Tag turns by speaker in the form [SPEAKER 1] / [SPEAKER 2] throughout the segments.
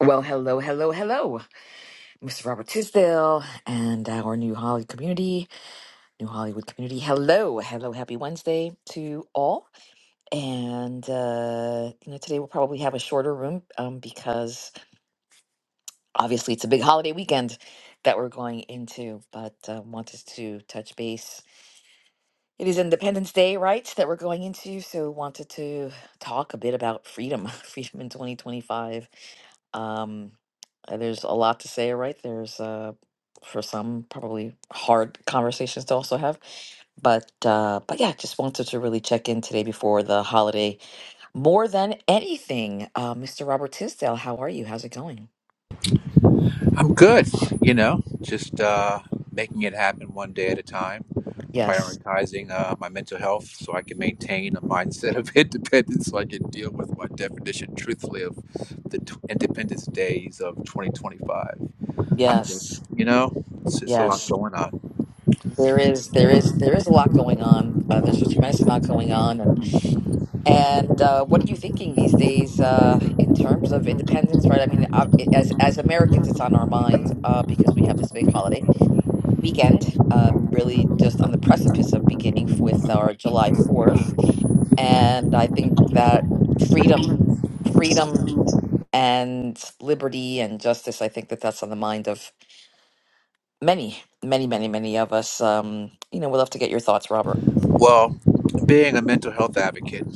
[SPEAKER 1] Well, hello, hello, hello, Mr. Robert Tisdale and our new Hollywood community, new Hollywood community. Hello, hello, happy Wednesday to all. And uh, you know, today we'll probably have a shorter room um, because obviously it's a big holiday weekend that we're going into. But uh, wanted to touch base. It is Independence Day, right? That we're going into, so wanted to talk a bit about freedom, freedom in 2025 Um, uh, there's a lot to say, right? There's uh, for some probably hard conversations to also have, but uh, but yeah, just wanted to really check in today before the holiday more than anything. Uh, Mr. Robert Tisdale, how are you? How's it going?
[SPEAKER 2] I'm good, you know, just uh, making it happen one day at a time,
[SPEAKER 1] Yes,
[SPEAKER 2] prioritizing uh, my mental health so I can maintain a mindset of independence so I can deal with my definition truthfully of the t- independence days of 2025. I'm good,
[SPEAKER 1] yes,
[SPEAKER 2] you know, it's just a lot
[SPEAKER 1] yes.
[SPEAKER 2] going on.
[SPEAKER 1] There is, there is, there is a lot going on. Uh, there's a tremendous amount going on, and And uh, what are you thinking these days uh, in terms of independence? Right? I mean, uh, as as Americans, it's on our mind uh, because we have this big holiday weekend, uh, really just on the precipice of beginning f- with our July Fourth, and I think that freedom, freedom and liberty and justice. I think that that's on the mind of many, many, many, many of us. Um, you know, we'll have to get your thoughts, Robert.
[SPEAKER 2] Well, being a mental health advocate,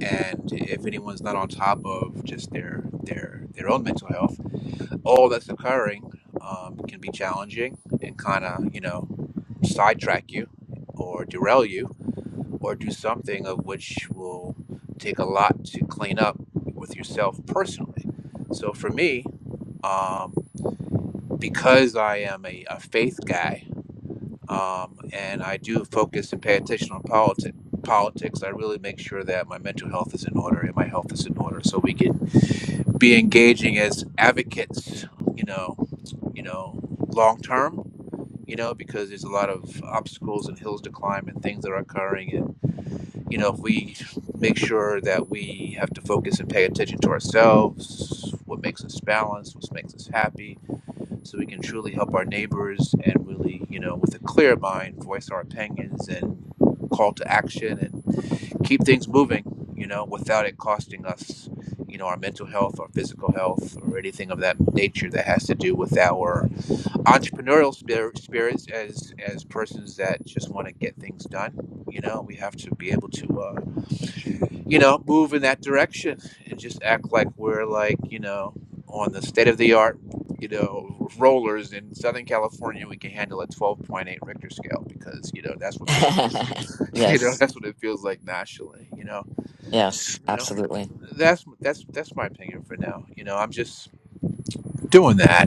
[SPEAKER 2] and if anyone's not on top of just their their their own mental health, all that's occurring um, can be challenging and kind of you know sidetrack you, or derail you, or do something of which will take a lot to clean up with yourself personally. So for me, um, because I am a, a faith guy. um, and I do focus and pay attention on politics. Politics. I really make sure that my mental health is in order and my health is in order, so we can be engaging as advocates. You know, you know, long term. You know, because there's a lot of obstacles and hills to climb and things that are occurring, and you know, if we make sure that we have to focus and pay attention to ourselves, what makes us balanced, what makes us happy, so we can truly help our neighbors and really, you know, with a clear mind, voice our opinions and call to action and keep things moving, you know, without it costing us, you know, our mental health, our physical health, or anything of that nature that has to do with our entrepreneurial spirit, spirits as as persons that just want to get things done. You know, we have to be able to. Uh, you know, move in that direction and just act like we're like, you know, on the state of the art, you know, rollers in Southern California, we can handle a 12.8 Richter scale because, you know, that's what feels like, you know,
[SPEAKER 1] yes,
[SPEAKER 2] that's what it feels like nationally, you know,
[SPEAKER 1] yes,
[SPEAKER 2] you know,
[SPEAKER 1] absolutely,
[SPEAKER 2] that's, that's, that's my opinion for now. You know, I'm just doing that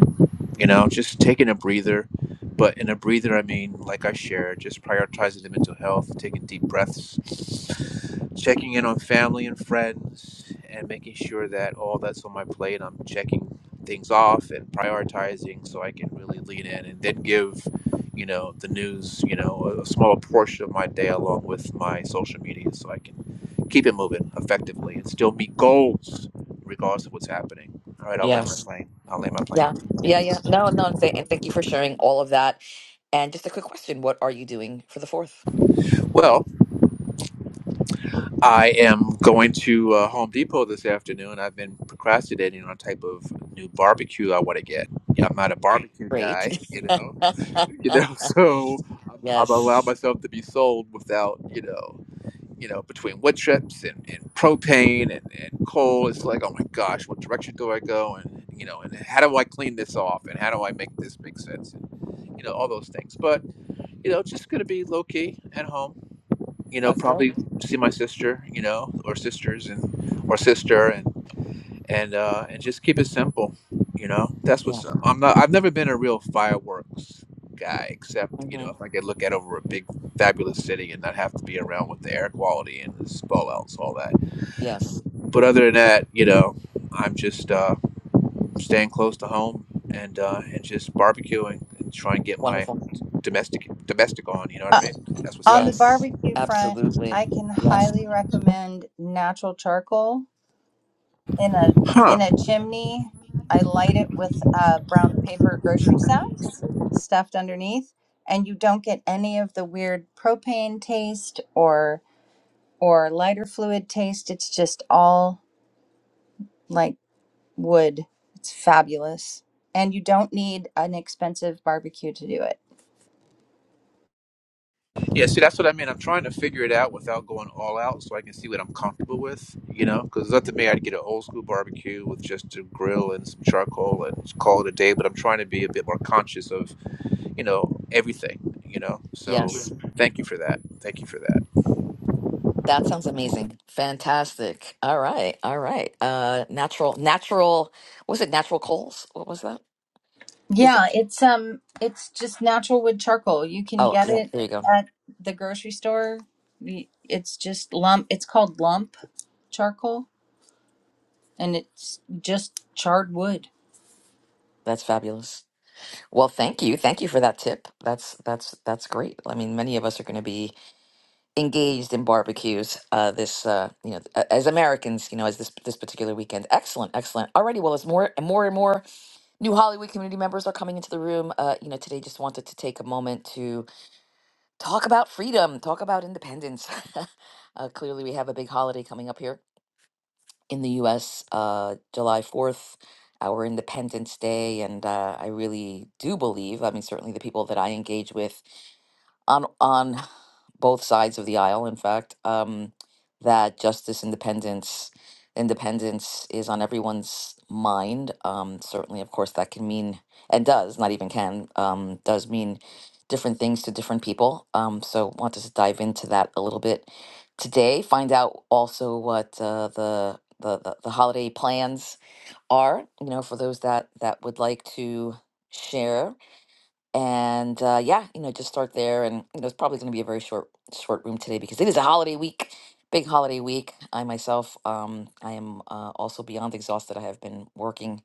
[SPEAKER 2] you know, just taking a breather. But in a breather, I mean, like I shared, just prioritizing the mental health, taking deep breaths, checking in on family and friends, and making sure that all that's on my plate, I'm checking things off and prioritizing so I can really lean in and then give, you know, the news, you know, a, a small portion of my day along with my social media so I can keep it moving effectively and still meet goals regardless of what's happening. All right, I'll land my
[SPEAKER 1] yes.
[SPEAKER 2] plane. I'll land my
[SPEAKER 1] Yeah.
[SPEAKER 2] plane.
[SPEAKER 1] Yeah, yeah. No, no, th- and thank you for sharing all of that. And just a quick question, what are you doing for the fourth?
[SPEAKER 2] Well, I am going to uh, Home Depot this afternoon. I've been procrastinating on a type of new barbecue I want to get. Yeah, I'm not a barbecue
[SPEAKER 1] Great.
[SPEAKER 2] guy, you know. You know, so I'm, I'm allowing
[SPEAKER 1] Yes.
[SPEAKER 2] myself to be sold without, you know, you know, between wood chips and, and propane and, and coal. It's like, oh my gosh, what direction do I go? And you know, and how do I clean this off? And how do I make this make sense? And, you know, all those things. But you know, just going to be low key at home you know,
[SPEAKER 1] That's great.
[SPEAKER 2] probably see my sister, you know, or sisters and or sister and and uh, and just keep it simple, you know. That's
[SPEAKER 1] Yeah.
[SPEAKER 2] what's up. I'm not. I've never been a real fireworks guy, except you
[SPEAKER 1] hmm
[SPEAKER 2] know, if I could look out over a big fabulous city and not have to be around with the air quality and the spell outs, all that.
[SPEAKER 1] Yes.
[SPEAKER 2] But other than that, you know, I'm just uh, staying close to home and uh, and just barbecuing and try and get my
[SPEAKER 1] Wonderful.
[SPEAKER 2] domestic domestic on. You know what I
[SPEAKER 3] Uh,
[SPEAKER 2] mean? That's what's
[SPEAKER 3] on the
[SPEAKER 1] Yes.
[SPEAKER 3] barbecue front,
[SPEAKER 1] Absolutely.
[SPEAKER 3] I can
[SPEAKER 1] Yes.
[SPEAKER 3] highly
[SPEAKER 2] up.
[SPEAKER 3] recommend natural charcoal in a
[SPEAKER 2] Huh.
[SPEAKER 3] in a chimney. I light it with uh, brown paper grocery sacks stuffed underneath, and you don't get any of the weird propane taste or or lighter fluid taste. It's just all like wood. It's fabulous, and you don't need an expensive barbecue to do it.
[SPEAKER 2] Yeah, see, that's what I mean. I'm trying to figure it out without going all out so I can see what I'm comfortable with, you know? Because it's up to me. I'd get an old school barbecue with just a grill and some charcoal and just call it a day. But I'm trying to be a bit more conscious of, you know, everything, you know? So
[SPEAKER 1] Yes.
[SPEAKER 2] thank you for that. Thank you for that.
[SPEAKER 1] That sounds amazing. Fantastic. All right. All right. Uh natural natural was it natural coals? What was that? Is it?
[SPEAKER 3] Yeah, it's um it's just natural wood charcoal. You can
[SPEAKER 1] Oh,
[SPEAKER 3] get
[SPEAKER 1] yeah,
[SPEAKER 3] it
[SPEAKER 1] there you go.
[SPEAKER 3] at the grocery store. Y- It's just lump it's called lump charcoal and it's just charred wood.
[SPEAKER 1] That's fabulous. Well, thank you. Thank you for that tip. That's that's that's great. I mean, many of us are going to be engaged in barbecues uh this uh you know a- as Americans, you know, as this this particular weekend. Excellent, excellent. Alrighty, well, as more and more and more new Hollywood community members are coming into the room, uh you know, today just wanted to take a moment to talk about freedom, talk about independence. uh clearly we have a big holiday coming up here in the US, uh, July 4th, our Independence Day. And uh, I really do believe, I mean, certainly the people that I engage with on on both sides of the aisle, in fact, um, that justice independence independence is on everyone's mind. Um, certainly, of course, that can mean and does not even can um, does mean different things to different people. Um, so, want to s- dive into that a little bit today. Find out also what uh, the, the the the holiday plans are. You know, for those that that would like to share and uh, yeah, you know, just start there. And you know, it's probably going to be a very short, short room today because it is a holiday week, big holiday week. I myself, um, I am uh, also beyond exhausted. I have been working,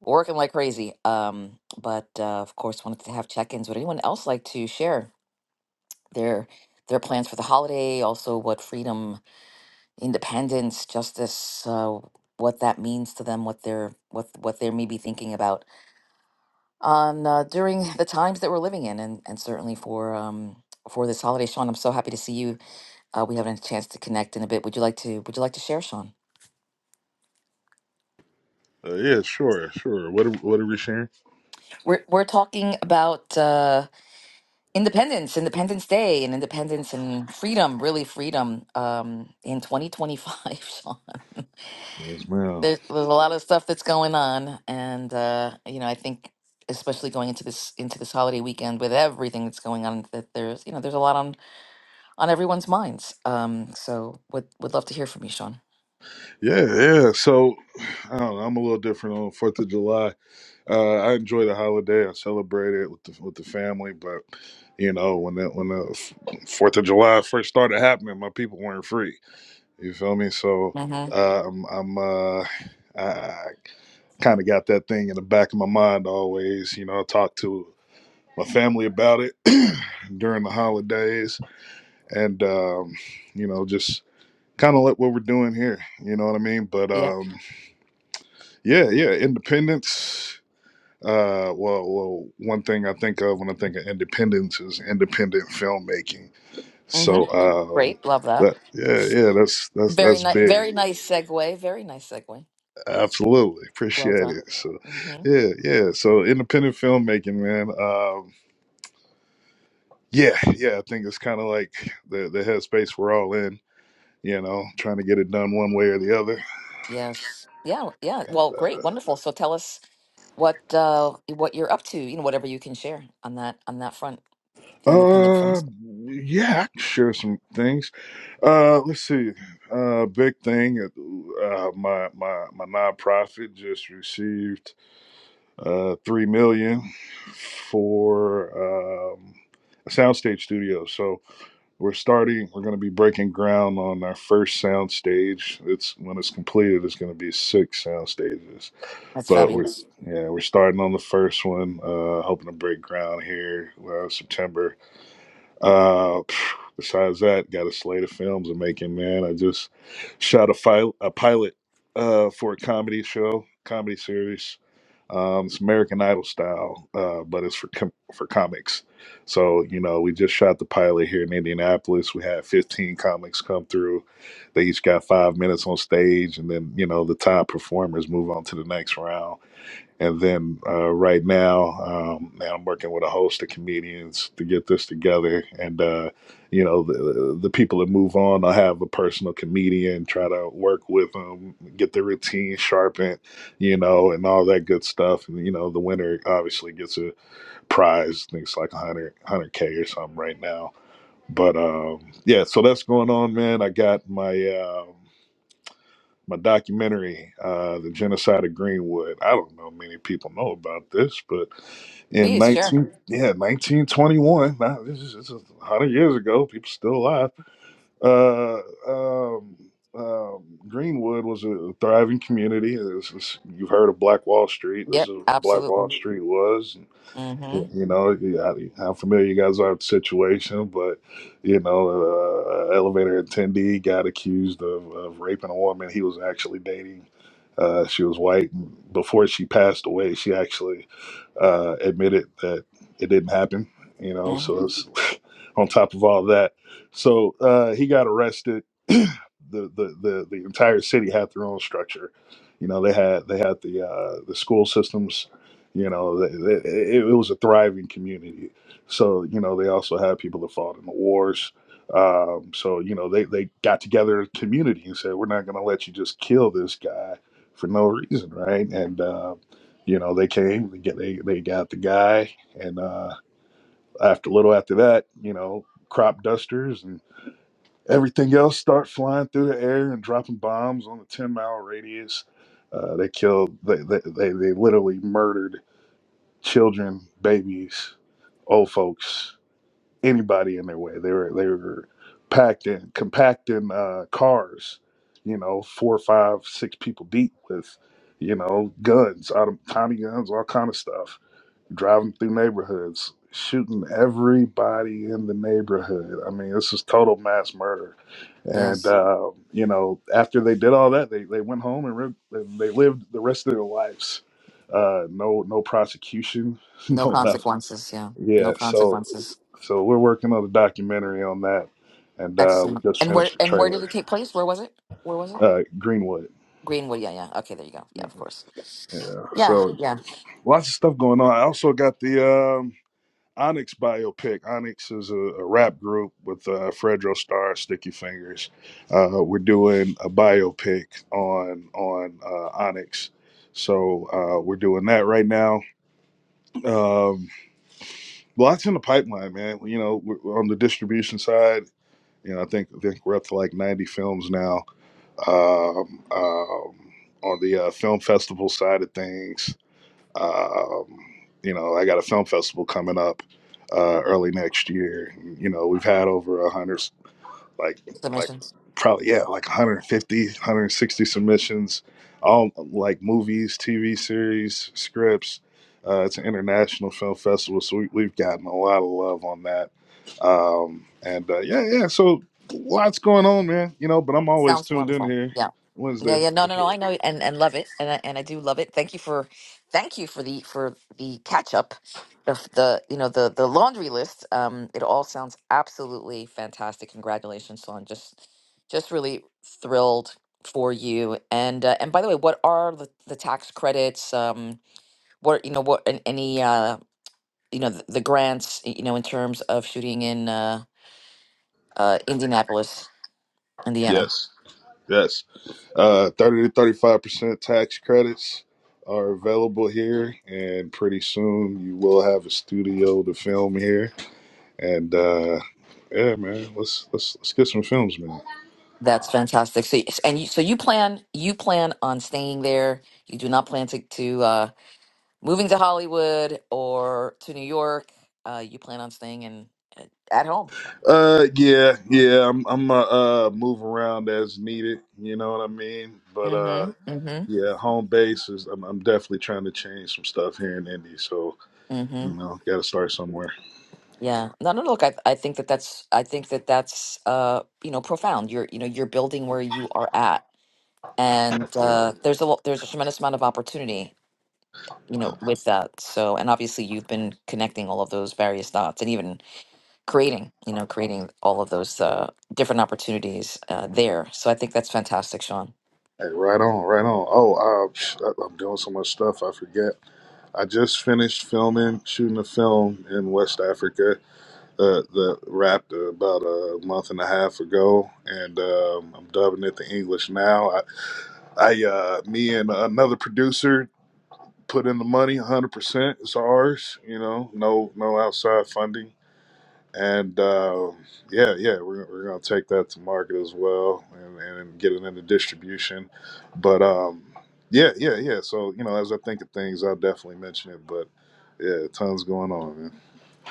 [SPEAKER 1] working like crazy. Um, but uh, of course, wanted to have check-ins. Would anyone else like to share their their plans for the holiday? Also, what freedom, independence, justice, uh, what that means to them, what they're what what they may be thinking about on uh, during the times that we're living in, and, and certainly for um, for this holiday. Sean, I'm so happy to see you. Uh, we haven't had a chance to connect in a bit. Would you like to Would you like to share, Sean?
[SPEAKER 4] Uh, yeah, sure, sure. What are, what are we sharing?
[SPEAKER 1] We're we're talking about uh, independence, Independence Day, and independence and freedom, really freedom um, in 2025, Sean.
[SPEAKER 4] Yes, ma'am.
[SPEAKER 1] There's, there's a lot of stuff that's going on, and uh, you know, I think especially going into this into this holiday weekend with everything that's going on that there's you know there's a lot on on everyone's minds. Um, so would would love to hear from you, Sean.
[SPEAKER 4] Yeah, yeah. So I don't know, I'm a little different on Fourth of July. Uh, I enjoy the holiday. I celebrate it with the with the family. But you know, when that when the Fourth of July first started happening, my people weren't free. You feel me? So
[SPEAKER 1] Mm-hmm.
[SPEAKER 4] uh, I'm I'm uh, I kind of got that thing in the back of my mind always. You know, I talk to my family about it during the holidays, and um, you know, just kind of like what we're doing here. You know what I mean? But
[SPEAKER 1] Yeah.
[SPEAKER 4] um, yeah, yeah, independence. Uh, well, well, one thing I think of when I think of independence is independent filmmaking.
[SPEAKER 1] Mm-hmm.
[SPEAKER 4] So um,
[SPEAKER 1] Great. Love that.
[SPEAKER 4] that yeah, yeah, that's that's
[SPEAKER 1] Very
[SPEAKER 4] that's
[SPEAKER 1] nice. Very
[SPEAKER 4] big.
[SPEAKER 1] nice segue. Very nice segue.
[SPEAKER 4] Absolutely
[SPEAKER 1] Well
[SPEAKER 4] appreciate
[SPEAKER 1] done.
[SPEAKER 4] it. So
[SPEAKER 1] Mm-hmm.
[SPEAKER 4] yeah, yeah. So independent filmmaking, man. Um, yeah, yeah. I think it's kind of like the the headspace we're all in. You know, trying to get it done one way or the other.
[SPEAKER 1] Yes. Yeah. Yeah. Well, great. Wonderful. So tell us what uh, what you're up to. You know, whatever you can share on that on that front. the independent
[SPEAKER 4] Uh,
[SPEAKER 1] films.
[SPEAKER 4] yeah, I can share some things. Uh, let's see. Uh, big thing. Uh, uh, my my my nonprofit just received uh three million for um a soundstage studio. So we're starting. We're going to be breaking ground on our first soundstage. It's when it's completed. It's going to be six sound stages.
[SPEAKER 1] That's
[SPEAKER 4] But we're
[SPEAKER 1] fabulous.
[SPEAKER 4] yeah, we're starting on the first one. Uh, hoping to break ground here uh, September uh, phew, besides that, got a slate of films I'm making, man. I just shot a, fil- a pilot uh, for a comedy show, comedy series. Um, it's American Idol style, uh, but it's for com- for comics. So you know, we just shot the pilot here in Indianapolis. We had 15 comics come through. They each got five minutes on stage, and then you know the top performers move on to the next round and then uh, right now, um, man, I'm working with a host of comedians to get this together. And, uh, you know, the, the people that move on, I have a personal comedian, try to work with them, get their routine sharpened, you know, and all that good stuff. And, you know, the winner obviously gets a prize. I think it's like 100, k or something right now. But um, yeah, so that's going on, man. I got my. Um, my documentary, uh, The Genocide of Greenwood. I don't know many people know about this, but in
[SPEAKER 1] Please, sure.
[SPEAKER 4] 19, yeah, 1921, now this is, this is 100 years ago, people still alive. Uh, um, um, Greenwood was a thriving community. This is, you've heard of Black Wall Street. This is
[SPEAKER 1] Yep,
[SPEAKER 4] what Black Wall
[SPEAKER 1] absolutely.
[SPEAKER 4] Street was. Yeah,
[SPEAKER 1] Mm-hmm.
[SPEAKER 4] You know, yeah, how familiar you guys are with the situation, but you know, uh, a elevator attendee got accused of, of raping a woman he was actually dating. Uh, she was white. Before she passed away, she actually uh, admitted that it didn't happen, you know.
[SPEAKER 1] hmm
[SPEAKER 4] So it's on top of all that, so uh, he got arrested. the, the the the entire city had their own structure, you know. They had they had the uh, the school systems, you know. They, they, it, it was a thriving community. So you know they also had people that fought in the wars. Um, so you know they they got together as a community and said we're not going to let you just kill this guy for no reason, right? And um, you know they came they get they, they got the guy and uh after a little after that you know crop dusters and everything else start flying through the air and dropping bombs on the 10 mile radius uh, they killed they, they they they literally murdered children babies old folks anybody in their way they were they were packed in compacting uh cars you know four five six people deep with you know guns out of tiny guns all kind of stuff driving through neighborhoods, shooting everybody in the neighborhood. I mean, this is total mass murder. And
[SPEAKER 1] Yes.
[SPEAKER 4] uh, you know, after they did all that, they they went home and, re- and they lived the rest of their lives. Uh, no, no prosecution,
[SPEAKER 1] No
[SPEAKER 4] no nothing.
[SPEAKER 1] consequences. Yeah. No
[SPEAKER 4] Yeah, so
[SPEAKER 1] consequences.
[SPEAKER 4] so we're working on a documentary on that, and uh, we
[SPEAKER 1] Excellent.
[SPEAKER 4] just
[SPEAKER 1] And where
[SPEAKER 4] finished the
[SPEAKER 1] and where did
[SPEAKER 4] trailer.
[SPEAKER 1] it take place? Where was it? Where was it?
[SPEAKER 4] Uh, Greenwood.
[SPEAKER 1] Greenwood. Yeah, yeah. Okay, there you go. Yeah,
[SPEAKER 4] Yeah.
[SPEAKER 1] of course. Yeah,
[SPEAKER 4] So
[SPEAKER 1] yeah.
[SPEAKER 4] lots of stuff going on. I also got the. um, Onyx biopic. Onyx is a, a rap group with uh, Fredro Starr, Sticky Fingers. Uh, we're doing a biopic on on uh, Onyx, so uh, we're doing that right now. Um, lots in the pipeline, man. You know, we're, we're on the distribution side, you know, I think I think we're up to like ninety films now. Um, um, on the uh, film festival side of things, um, you know, I got a film festival coming up uh, early next year. You know, we've had over a hundred, like, like
[SPEAKER 1] Submissions.
[SPEAKER 4] probably yeah, like 150, 160 submissions, all like movies, TV series, scripts. Uh, it's an international film festival, so we, we've gotten a lot of love on that. Um, and uh, yeah, yeah, so lots going on, man. You know, but I'm always
[SPEAKER 1] Sounds
[SPEAKER 4] tuned in
[SPEAKER 1] wonderful.
[SPEAKER 4] here
[SPEAKER 1] Yeah. No,
[SPEAKER 4] Wednesday
[SPEAKER 1] yeah, no,
[SPEAKER 4] for
[SPEAKER 1] no, no.
[SPEAKER 4] sure.
[SPEAKER 1] I know and and love it, and I, and I do love it. Thank you for, thank you for the for the catch up, the the you know the the laundry list. Um, it all sounds absolutely fantastic. Congratulations, son. just just really thrilled for you. And uh, and by the way, what are the, the tax credits? Um, what you know what an- any uh you know the, the grants y- you know in terms of shooting in uh uh Indianapolis, Indiana.
[SPEAKER 4] Yes. Yes. Uh, 30 to 35% tax credits are available here, and pretty soon you will have a studio to film here. And uh, yeah, man, let's let's let's get some films, man.
[SPEAKER 1] That's fantastic. So, yes, and you, so you plan you plan on staying there. You do not plan to to uh, moving to Hollywood or to New York. Uh, you plan on staying in at home.
[SPEAKER 4] Uh, yeah, yeah, I'm I'm uh, uh move around as needed. You know what I mean? But uh,
[SPEAKER 1] Mm-hmm. Mm-hmm.
[SPEAKER 4] yeah, home base is. I'm, I'm definitely trying to change some stuff here in Indy. So
[SPEAKER 1] Mm-hmm.
[SPEAKER 4] you know, got to start somewhere.
[SPEAKER 1] Yeah. No, no. Look, I I think that that's I think that that's uh you know profound. You're you know you're building where you are at, and
[SPEAKER 4] Absolutely.
[SPEAKER 1] uh, there's a lo- there's a tremendous amount of opportunity you know with that. So, and obviously you've been connecting all of those various dots, and even creating you know creating all of those uh, different opportunities uh, there so i think that's fantastic sean
[SPEAKER 4] Hey, right on, right on. Oh, uh, psh, I- I'm doing so much stuff. I forget. I just finished filming, shooting a film in West Africa uh, that wrapped about a month and a half ago, and um, I'm dubbing it the English now. I, I uh, me and another producer put in the money, 100%. It's ours, you know, no, no outside funding and uh, yeah, yeah, we're, we're going to take that to market as well and, and get it into distribution. But um, yeah, yeah, yeah. So, you know, as I think of things, I'll definitely mention it. But yeah, tons going on, man.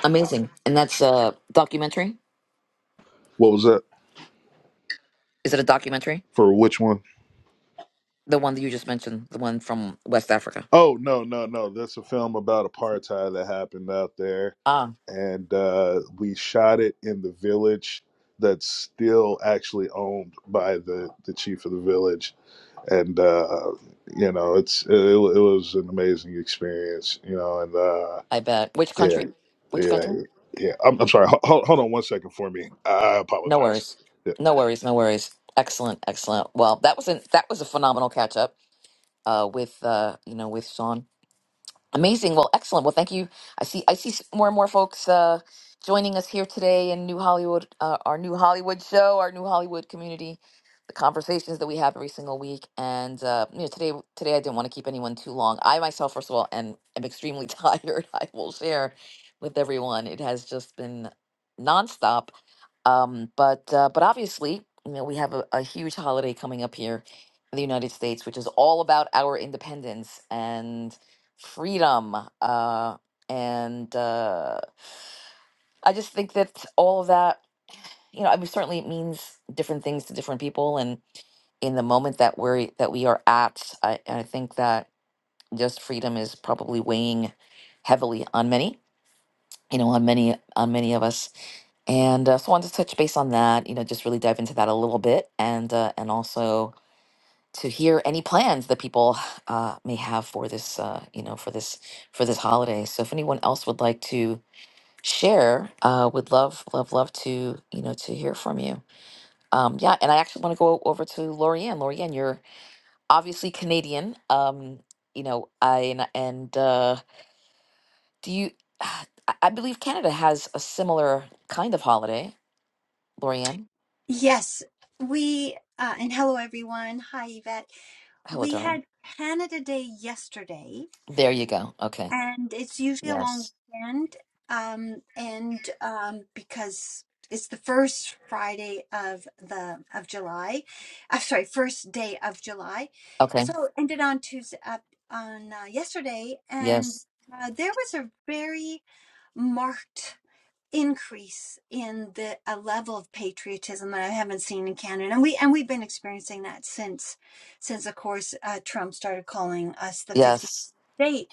[SPEAKER 1] amazing and that's a documentary
[SPEAKER 4] What was that?
[SPEAKER 1] is it a documentary
[SPEAKER 4] For which one?
[SPEAKER 1] the one that you just mentioned the one from west africa
[SPEAKER 4] Oh, no, no, no. That's a film about apartheid that happened out there.
[SPEAKER 1] ah
[SPEAKER 4] And uh, we shot it in the village that's still actually owned by the, the chief of the village and uh, you know, it's it, it was an amazing experience, you know, and uh,
[SPEAKER 1] i bet which
[SPEAKER 4] yeah,
[SPEAKER 1] country which
[SPEAKER 4] yeah,
[SPEAKER 1] country
[SPEAKER 4] yeah. I'm, I'm sorry. Hold, hold on one second for me. I
[SPEAKER 1] No
[SPEAKER 4] apologize.
[SPEAKER 1] worries.
[SPEAKER 4] Yeah.
[SPEAKER 1] No worries. No worries. Excellent. Excellent. Well, that was an that was a phenomenal catch up uh, with uh, you know with Sean. Amazing. Well, excellent. Well, thank you. I see. I see s- more and more folks uh, joining us here today in New Hollywood, uh, our new Hollywood show, our new Hollywood community, the conversations that we have every single week. And uh, you know, today, today I didn't want to keep anyone too long. I myself, first of all, am, am extremely tired. I will share with everyone. It has just been nonstop. Um, but uh, but obviously, you know, we have a, a huge holiday coming up here in the United States, which is all about our independence and freedom. Uh, and uh, I just think that all of that, you know, I mean, certainly it means different things to different people, and in the moment that we're that we are at, I, I think that just freedom is probably weighing heavily on many, you know, on many on many of us. And uh, so, I wanted to touch base on that, you know, just really dive into that a little bit, and uh, and also to hear any plans that people uh, may have for this, uh, you know, for this for this holiday. So, if anyone else would like to share uh would love love love to you know to hear from you um yeah and i actually want to go over to lorianne lorianne you're obviously canadian um you know i and, and uh do you i I believe canada has a similar kind of holiday lorianne
[SPEAKER 5] Yes, we, uh, and hello everyone. Hi, Yvette.
[SPEAKER 1] hello
[SPEAKER 5] We
[SPEAKER 1] darling
[SPEAKER 5] had Canada Day yesterday,
[SPEAKER 1] there you go okay
[SPEAKER 5] and it's usually a long
[SPEAKER 1] yes
[SPEAKER 5] weekend. Um, and um, because it's the first Friday of the of July, I'm sorry, first day of July,
[SPEAKER 1] okay
[SPEAKER 5] so it ended on Tuesday up on uh, yesterday, and
[SPEAKER 1] yes
[SPEAKER 5] uh, there was a very marked increase in the a level of patriotism that I haven't seen in Canada. And we and we've been experiencing that since since of course uh, Trump started calling us the 50
[SPEAKER 1] yes
[SPEAKER 5] state.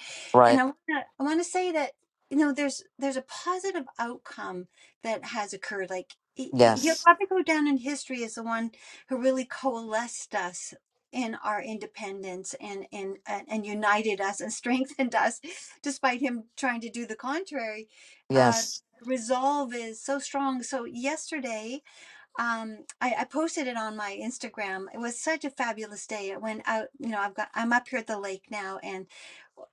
[SPEAKER 5] And
[SPEAKER 1] right
[SPEAKER 5] I want to I want to say that you know there's there's a positive outcome that has occurred like he, he- he'll
[SPEAKER 1] yes
[SPEAKER 5] probably go down in history as the one who really coalesced us in our independence and and and and united us and strengthened us despite him trying to do the contrary uh,
[SPEAKER 1] yes
[SPEAKER 5] resolve is so strong. So yesterday, um, I, I posted it on my Instagram. It was such a fabulous day. It went out, you know, I've got I'm up here at the lake now and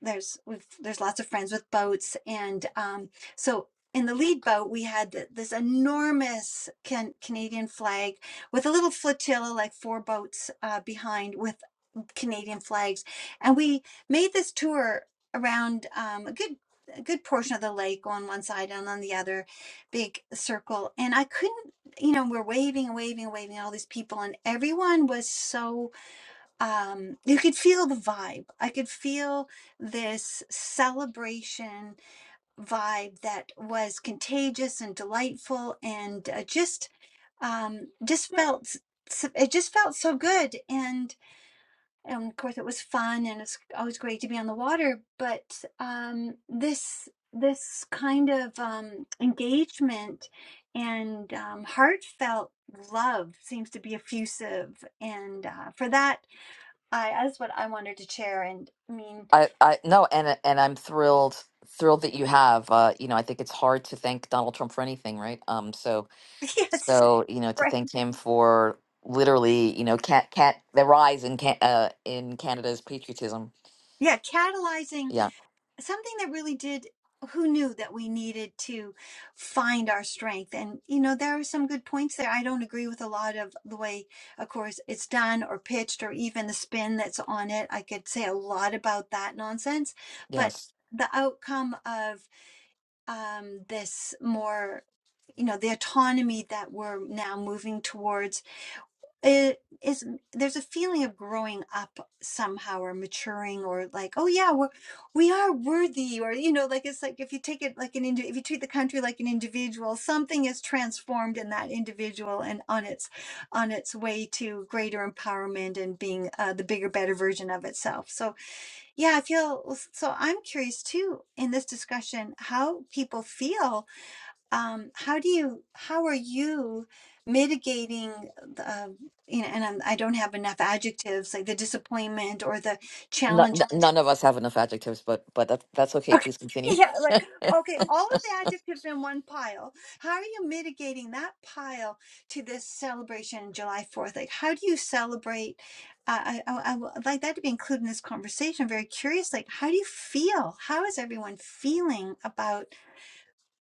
[SPEAKER 5] there's we've, there's lots of friends with boats and um, so in the lead boat we had th- this enormous can, Canadian flag with a little flotilla like four boats uh, behind with Canadian flags, and we made this tour around um, a good a good portion of the lake on one side and on the other, big circle. And I couldn't, you know, we're waving and waving and waving at all these people, and everyone was so um, you could feel the vibe. I could feel this celebration vibe that was contagious and delightful, and uh, just um, just felt s- it just felt so good and and of course it was fun and it's always great to be on the water but um, this this kind of um, engagement and um, heartfelt love seems to be effusive and uh, for that i that's what i wanted to share and i mean
[SPEAKER 1] I, I no, and uh, and I'm thrilled thrilled that you have. Uh, you know, I think it's hard to thank Donald Trump for anything, right? Um, so
[SPEAKER 5] yes
[SPEAKER 1] so you know, to
[SPEAKER 5] right
[SPEAKER 1] thank him for literally, you know, cat cat the rise in can uh in Canada's patriotism.
[SPEAKER 5] yeah catalyzing
[SPEAKER 1] Yeah,
[SPEAKER 5] something that really did who knew that we needed to find our strength and you know there are some good points there i don't agree with a lot of the way of course it's done or pitched or even the spin that's on it i could say a lot about that nonsense but
[SPEAKER 1] yes.
[SPEAKER 5] the outcome of um, this more you know the autonomy that we're now moving towards it is there's a feeling of growing up somehow or maturing or like oh yeah we're we are worthy or you know like it's like if you take it like an indi- if you treat the country like an individual something is transformed in that individual and on its on its way to greater empowerment and being uh, the bigger better version of itself so yeah i feel so i'm curious too in this discussion how people feel um, how do you how are you mitigating the uh, you know and I'm, i don't have enough adjectives like the disappointment or the
[SPEAKER 1] Not,
[SPEAKER 5] challenge
[SPEAKER 1] none of us have enough adjectives, but but that's that's okay.
[SPEAKER 5] okay
[SPEAKER 1] Please continue.
[SPEAKER 5] yeah like okay all of the adjectives in one pile how are you mitigating that pile to this celebration july 4th like how do you celebrate uh, I, I, I would like that to be included in this conversation. I'm very curious. Like, how do you feel? How is everyone feeling about?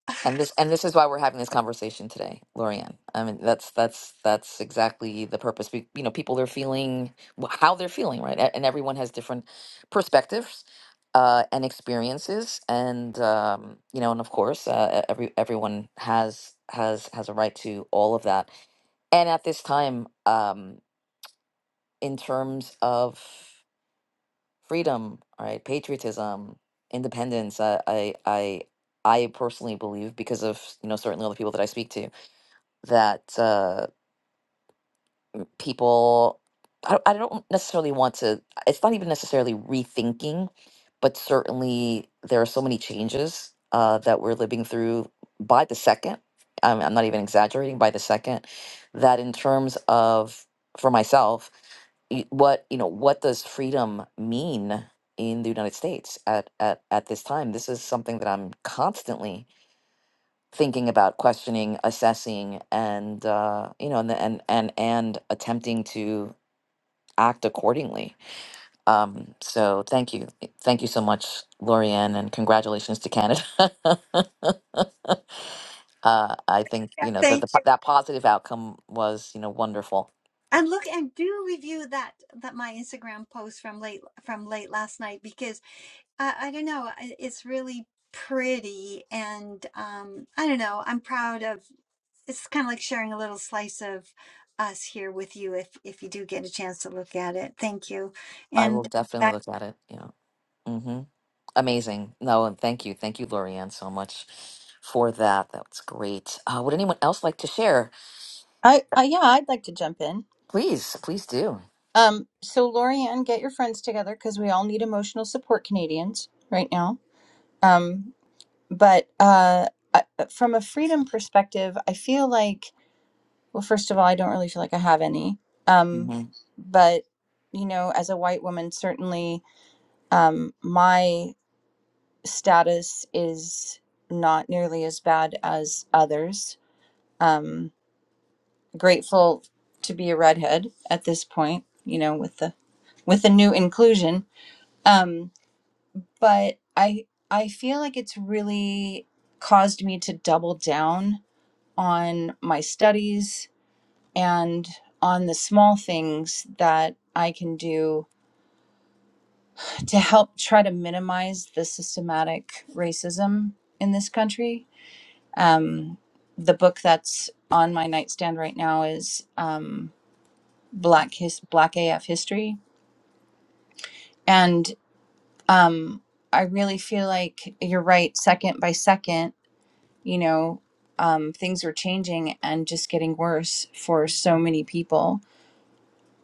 [SPEAKER 1] And this and this is why we're having this conversation today, Lorianne. I mean, that's that's that's exactly the purpose. We, you know, people are feeling wh- how they're feeling, right? A- And everyone has different perspectives uh, and experiences, and um, you know, and of course, uh, e- every everyone has has has a right to all of that. And at this time, um, in terms of freedom, right, patriotism, independence, I I I, I personally believe because of you know certainly all the people that I speak to that uh, people I, don't- I don't necessarily want to it's not even necessarily rethinking but certainly there are so many changes uh, that we're living through by the second I'm, I'm not even exaggerating by the second that in terms of for myself y- what you know what does freedom mean in the united states at, at at this time this is something that i'm constantly thinking about questioning assessing and uh you know and and and, and attempting to act accordingly um so thank you thank you so much Lorianne and congratulations to Canada uh I think
[SPEAKER 5] Yeah,
[SPEAKER 1] you know
[SPEAKER 5] Thank.
[SPEAKER 1] that the, po- that positive outcome was you know wonderful
[SPEAKER 5] and look and do review that that my Instagram post from late from late last night because I, I don't know it's really pretty and um, I don't know I'm proud of it's kind of like sharing a little slice of us here with you if if you do get a chance to look at it thank you
[SPEAKER 1] I will
[SPEAKER 5] and
[SPEAKER 1] definitely
[SPEAKER 5] back
[SPEAKER 1] look at it you know mm-hmm. amazing no and thank you thank you Lorianne so much for that that's great uh would anyone else like to share
[SPEAKER 3] I, I yeah, I'd like to jump in.
[SPEAKER 1] please please do
[SPEAKER 3] Um so Lorianne, get your friends together because we all need emotional support Canadians right now. Um but uh I- from a freedom perspective, I feel like Well, first of all, I don't really feel like I have any. Um, but, you know, as a white woman, certainly um, my status is not nearly as bad as others. Um, grateful to be a redhead at this point, you know, with the with the new inclusion. Um, but I I feel like it's really caused me to double down on my studies and on the small things that I can do to help try to minimize the systematic racism in this country. Um, the book that's on my nightstand right now is um, Black His Black AF History, and um, I really feel like you're right. Second by second, you know, um, things are changing and just getting worse for so many people.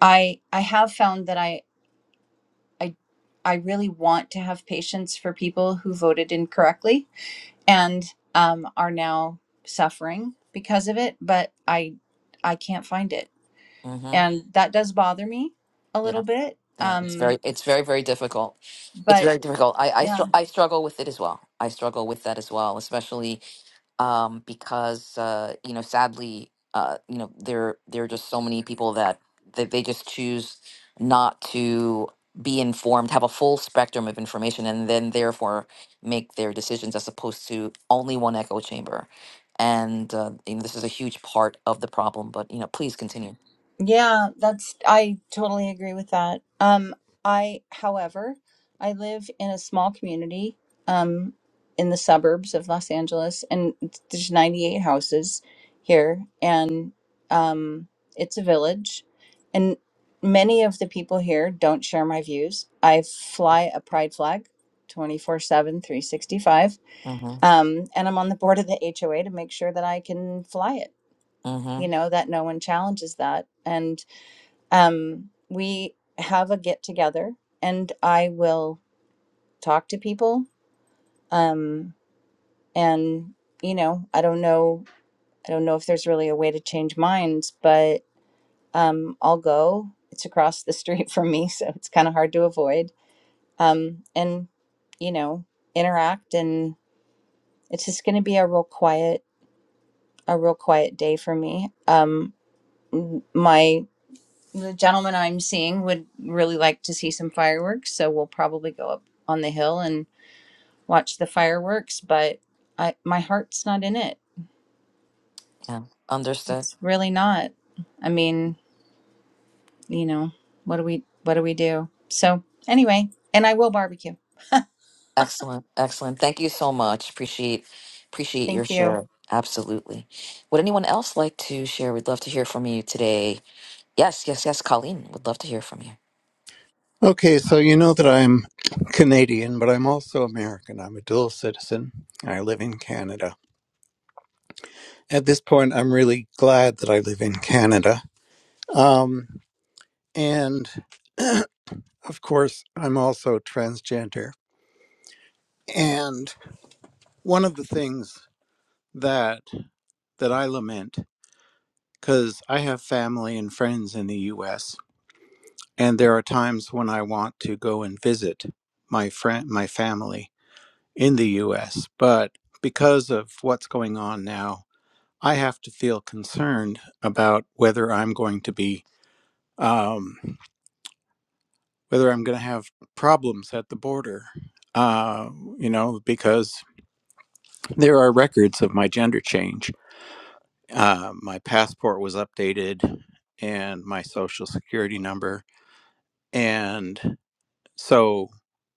[SPEAKER 3] I I have found that I I I really want to have patience for people who voted incorrectly and um, are now suffering because of it, but I I can't find it,
[SPEAKER 1] mm-hmm.
[SPEAKER 3] and that does bother me a
[SPEAKER 1] Yeah,
[SPEAKER 3] little bit.
[SPEAKER 1] yeah, it's
[SPEAKER 3] Um,
[SPEAKER 1] very, it's very, very difficult. It's
[SPEAKER 3] but
[SPEAKER 1] very difficult. I, I,
[SPEAKER 3] yeah.
[SPEAKER 1] str- I struggle with it as well. I struggle with that as well, especially um, because uh, you know, sadly, uh, you know, there, there are just so many people that that they just choose not to be informed, have a full spectrum of information, and then therefore make their decisions as opposed to only one echo chamber. And uh, you know, this is a huge part of the problem. But you know, please continue.
[SPEAKER 3] Yeah, that's I totally agree with that. Um I however, I live in a small community um in the suburbs of Los Angeles and it's- there's 98 houses here and um it's a village and many of the people here don't share my views. I fly a pride flag 24/7 365
[SPEAKER 1] Mm-hmm.
[SPEAKER 3] um and I'm on the board of the HOA to make sure that I can fly it,
[SPEAKER 1] Mm-hmm.
[SPEAKER 3] you know, that no one challenges that and um, we have a get together and I will talk to people. Um, and, you know, I don't know, I don't know if there's really a way to change minds, but um, I'll go. It's across the street from me, so it's kind of hard to avoid. Um, and, you know, interact. And it's just going to be a real quiet, a real quiet day for me. Um, m- my the gentleman I'm seeing would really like to see some fireworks, so we'll probably go up on the hill and watch the fireworks, but I my heart's not in it.
[SPEAKER 1] Yeah. Understood.
[SPEAKER 3] It's really not. I mean, you know, what do we what do we do? So, anyway, and I will barbecue.
[SPEAKER 1] Excellent, excellent. Thank you so much. Appreciate appreciate your
[SPEAKER 3] Thank you.
[SPEAKER 1] share. Absolutely. Would anyone else like to share? We'd love to hear from you today. Yes, yes, yes. Colleen, would love to hear from you.
[SPEAKER 6] Okay, so you know that I'm Canadian, but I'm also American. I'm a dual citizen. I live in Canada. At this point, I'm really glad that I live in Canada. Um, and of course, I'm also transgender. And one of the things that that I lament cuz I have family and friends in the US, and there are times when I want to go and visit my friend my family in the US. But because of what's going on now, I have to feel concerned about whether I'm going to be, um, whether I'm going to have problems at the border, uh, you know, because there are records of my gender change. Uh, my passport was updated and my social security number. And so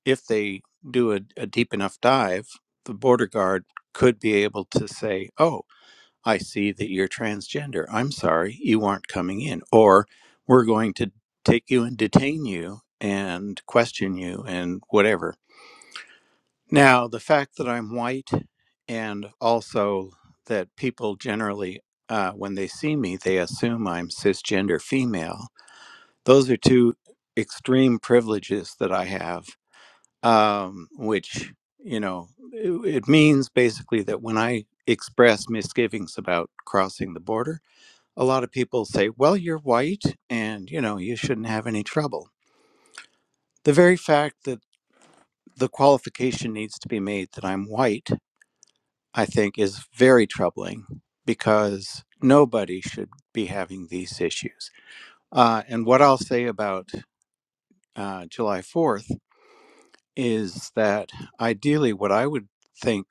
[SPEAKER 6] if they do a, a deep enough dive, the border guard could be able to say, "Oh." I see that you're transgender. I'm sorry, you aren't coming in. Or we're going to take you and detain you and question you and whatever. Now, the fact that I'm white and also that people generally, uh, when they see me, they assume I'm cisgender female, those are two extreme privileges that I have, um, which, you know, it, it means basically that when I express misgivings about crossing the border, a lot of people say, well, you're white and, you know, you shouldn't have any trouble. The very fact that the qualification needs to be made that I'm white, I think, is very troubling because nobody should be having these issues. Uh, and what I'll say about uh, July 4th is that ideally, what I would think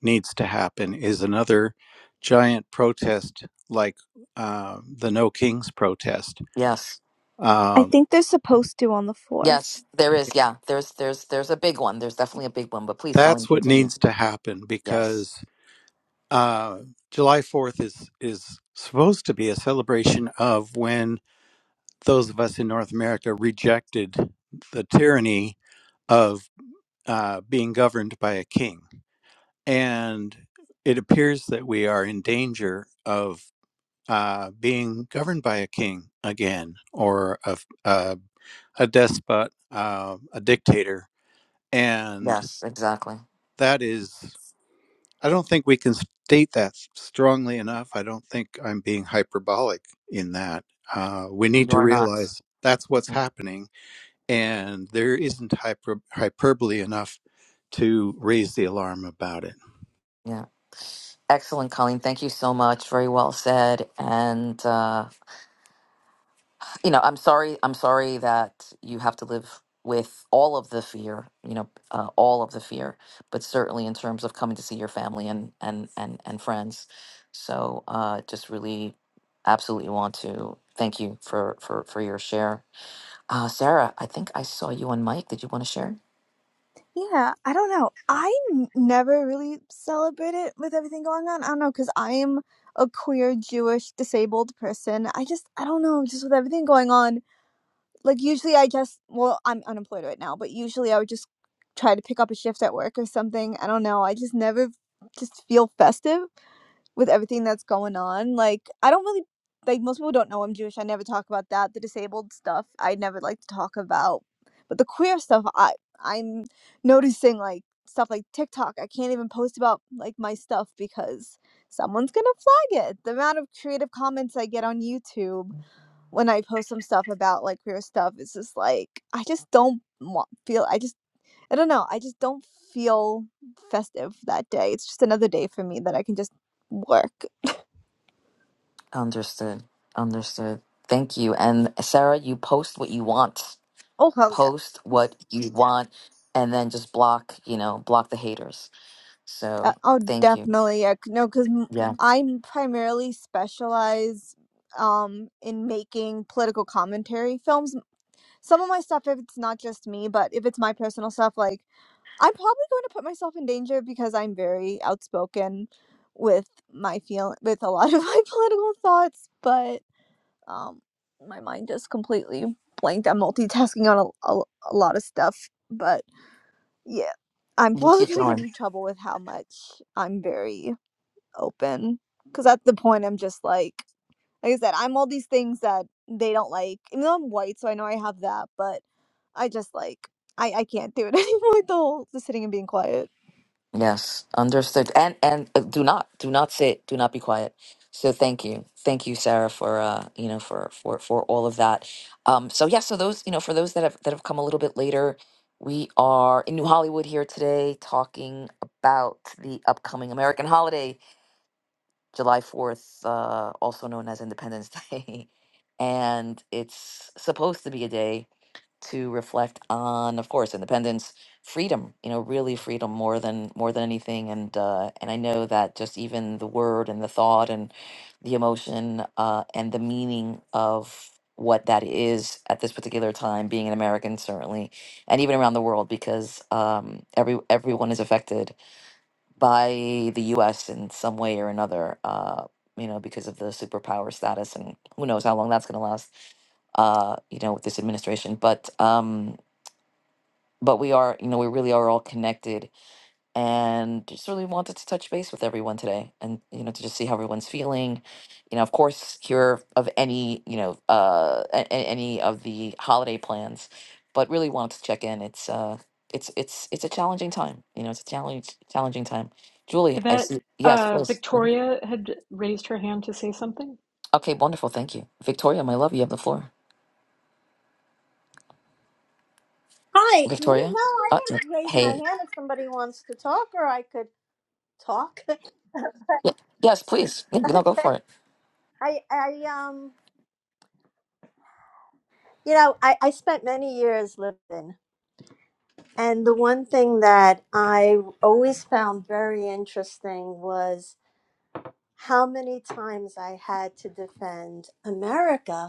[SPEAKER 6] needs to happen is another giant protest like uh, the No Kings protest
[SPEAKER 1] Yes,
[SPEAKER 7] I
[SPEAKER 6] uh,
[SPEAKER 7] think they're supposed to on the 4th.
[SPEAKER 1] yes. There is. Yeah, there's there's there's a big one. There's definitely a big one. But please, Colleen,
[SPEAKER 6] That's what
[SPEAKER 1] continue.
[SPEAKER 6] needs to happen
[SPEAKER 1] Yes,
[SPEAKER 6] because uh, July 4th is is supposed to be a celebration of when those of us in North America rejected the tyranny of uh, being governed by a king, and it appears that we are in danger of uh, being governed by a king again or a a, a despot, uh, a dictator, and
[SPEAKER 1] yes, exactly.
[SPEAKER 6] that is. I don't think we can state that strongly enough. I don't think I'm being hyperbolic in that. Uh, we need
[SPEAKER 1] You
[SPEAKER 6] to
[SPEAKER 1] are not.
[SPEAKER 6] realize that's what's
[SPEAKER 1] Mhm.
[SPEAKER 6] happening, and there isn't hyper- hyperbole enough to raise the alarm about it.
[SPEAKER 1] Yeah. Excellent, Colleen. Thank you so much. Very well said. And. uh, you know, I'm sorry. I'm sorry that you have to live with all of the fear. You know, uh, all of the fear, but certainly in terms of coming to see your family and and and and friends. So, uh, just really, absolutely want to thank you for for for your share, uh, Sarah. I think I saw you on mic. Did you want to share?
[SPEAKER 7] Yeah, I don't know. I n- never really celebrate it with everything going on. I don't know, because I am a queer, Jewish, disabled person. I just, I don't know, just with everything going on. Like, usually I just, well, I'm unemployed right now, but usually I would just try to pick up a shift at work or something. I don't know. I just never just feel festive. with everything that's going on. Like, I don't really like most people don't know I'm Jewish. I never talk about that. The disabled stuff I never like to talk about. But the queer stuff I I'm noticing like stuff like TikTok. I can't even post about like my stuff because someone's going to flag it. The amount of creative comments I get on YouTube when I post some stuff about like queer stuff is just like I just don't want, feel I just I don't know. I just don't feel festive that day. It's just another day for me that I can just work
[SPEAKER 1] Understood. Understood. Thank you. And Sarah, you post what you want.
[SPEAKER 7] Oh hell yeah!
[SPEAKER 1] Post what you want, and then just block. You know, block the haters.
[SPEAKER 7] De-
[SPEAKER 1] So,
[SPEAKER 7] oh,
[SPEAKER 1] thank you.
[SPEAKER 7] definitely. Yeah, c- no, because
[SPEAKER 1] Yeah.
[SPEAKER 7] I'm primarily specialize um in making political commentary films. Some of my stuff, if it's not just me, but if it's my personal stuff, like I'm probably going to put myself in danger because I'm very outspoken with my feel with a lot of my political thoughts. But um, my mind just completely blanked. I'm multitasking on a, a, a lot of stuff, but. Yeah. I'm
[SPEAKER 1] You
[SPEAKER 7] probably
[SPEAKER 1] keep
[SPEAKER 7] gonna get
[SPEAKER 1] going.
[SPEAKER 7] in trouble with how much I'm very open. Cause at the point I'm just like like I said, I'm all these things that they don't like. Even though I'm white, so I know I have that, but I just like I I can't do it anymore, the whole just sitting and being quiet.
[SPEAKER 1] Yes. Understood. And and uh, do not do not sit. Do not be quiet. So thank you. Thank you, Sarah, for uh, you know, for for for all of that. Um, so yeah, so those, you know, for those that have that have come a little bit later, we are in New Hollywood here today talking about the upcoming American holiday, July 4th, uh, also known as Independence Day. and it's supposed to be a day to reflect on, of course, independence, freedom. You know, really freedom more than more than anything. And uh, and I know that just even the word and the thought and the emotion uh, and the meaning of what that is at this particular time, being an American certainly, and even around the world, because um, every everyone is affected by the U.S. in some way or another, uh, you know, because of the superpower status, and who knows how long that's going to last, uh, you know, with this administration. But um, but we are, you know, we really are all connected and just really wanted to touch base with everyone today and you know to just see how everyone's feeling you know of course hear of any you know uh a- a- any of the holiday plans but really wanted to check in it's uh it's it's it's a challenging time you know it's a challenge challenging time julie i
[SPEAKER 8] Yvette,
[SPEAKER 1] see yes
[SPEAKER 8] uh,
[SPEAKER 1] please
[SPEAKER 8] Victoria had raised her hand to say something.
[SPEAKER 1] okay wonderful thank you victoria my love you have the floor
[SPEAKER 9] Hi. No, no,
[SPEAKER 1] victoria
[SPEAKER 9] I
[SPEAKER 1] uh, Sure.
[SPEAKER 9] didn't raise my
[SPEAKER 1] hey
[SPEAKER 9] hand if somebody wants to talk or I could talk.
[SPEAKER 1] y- yes please Yeah, no go
[SPEAKER 9] okay.
[SPEAKER 1] for it
[SPEAKER 9] I I um you know, I, I spent many years living and the one thing that I always found very interesting was how many times I had to defend America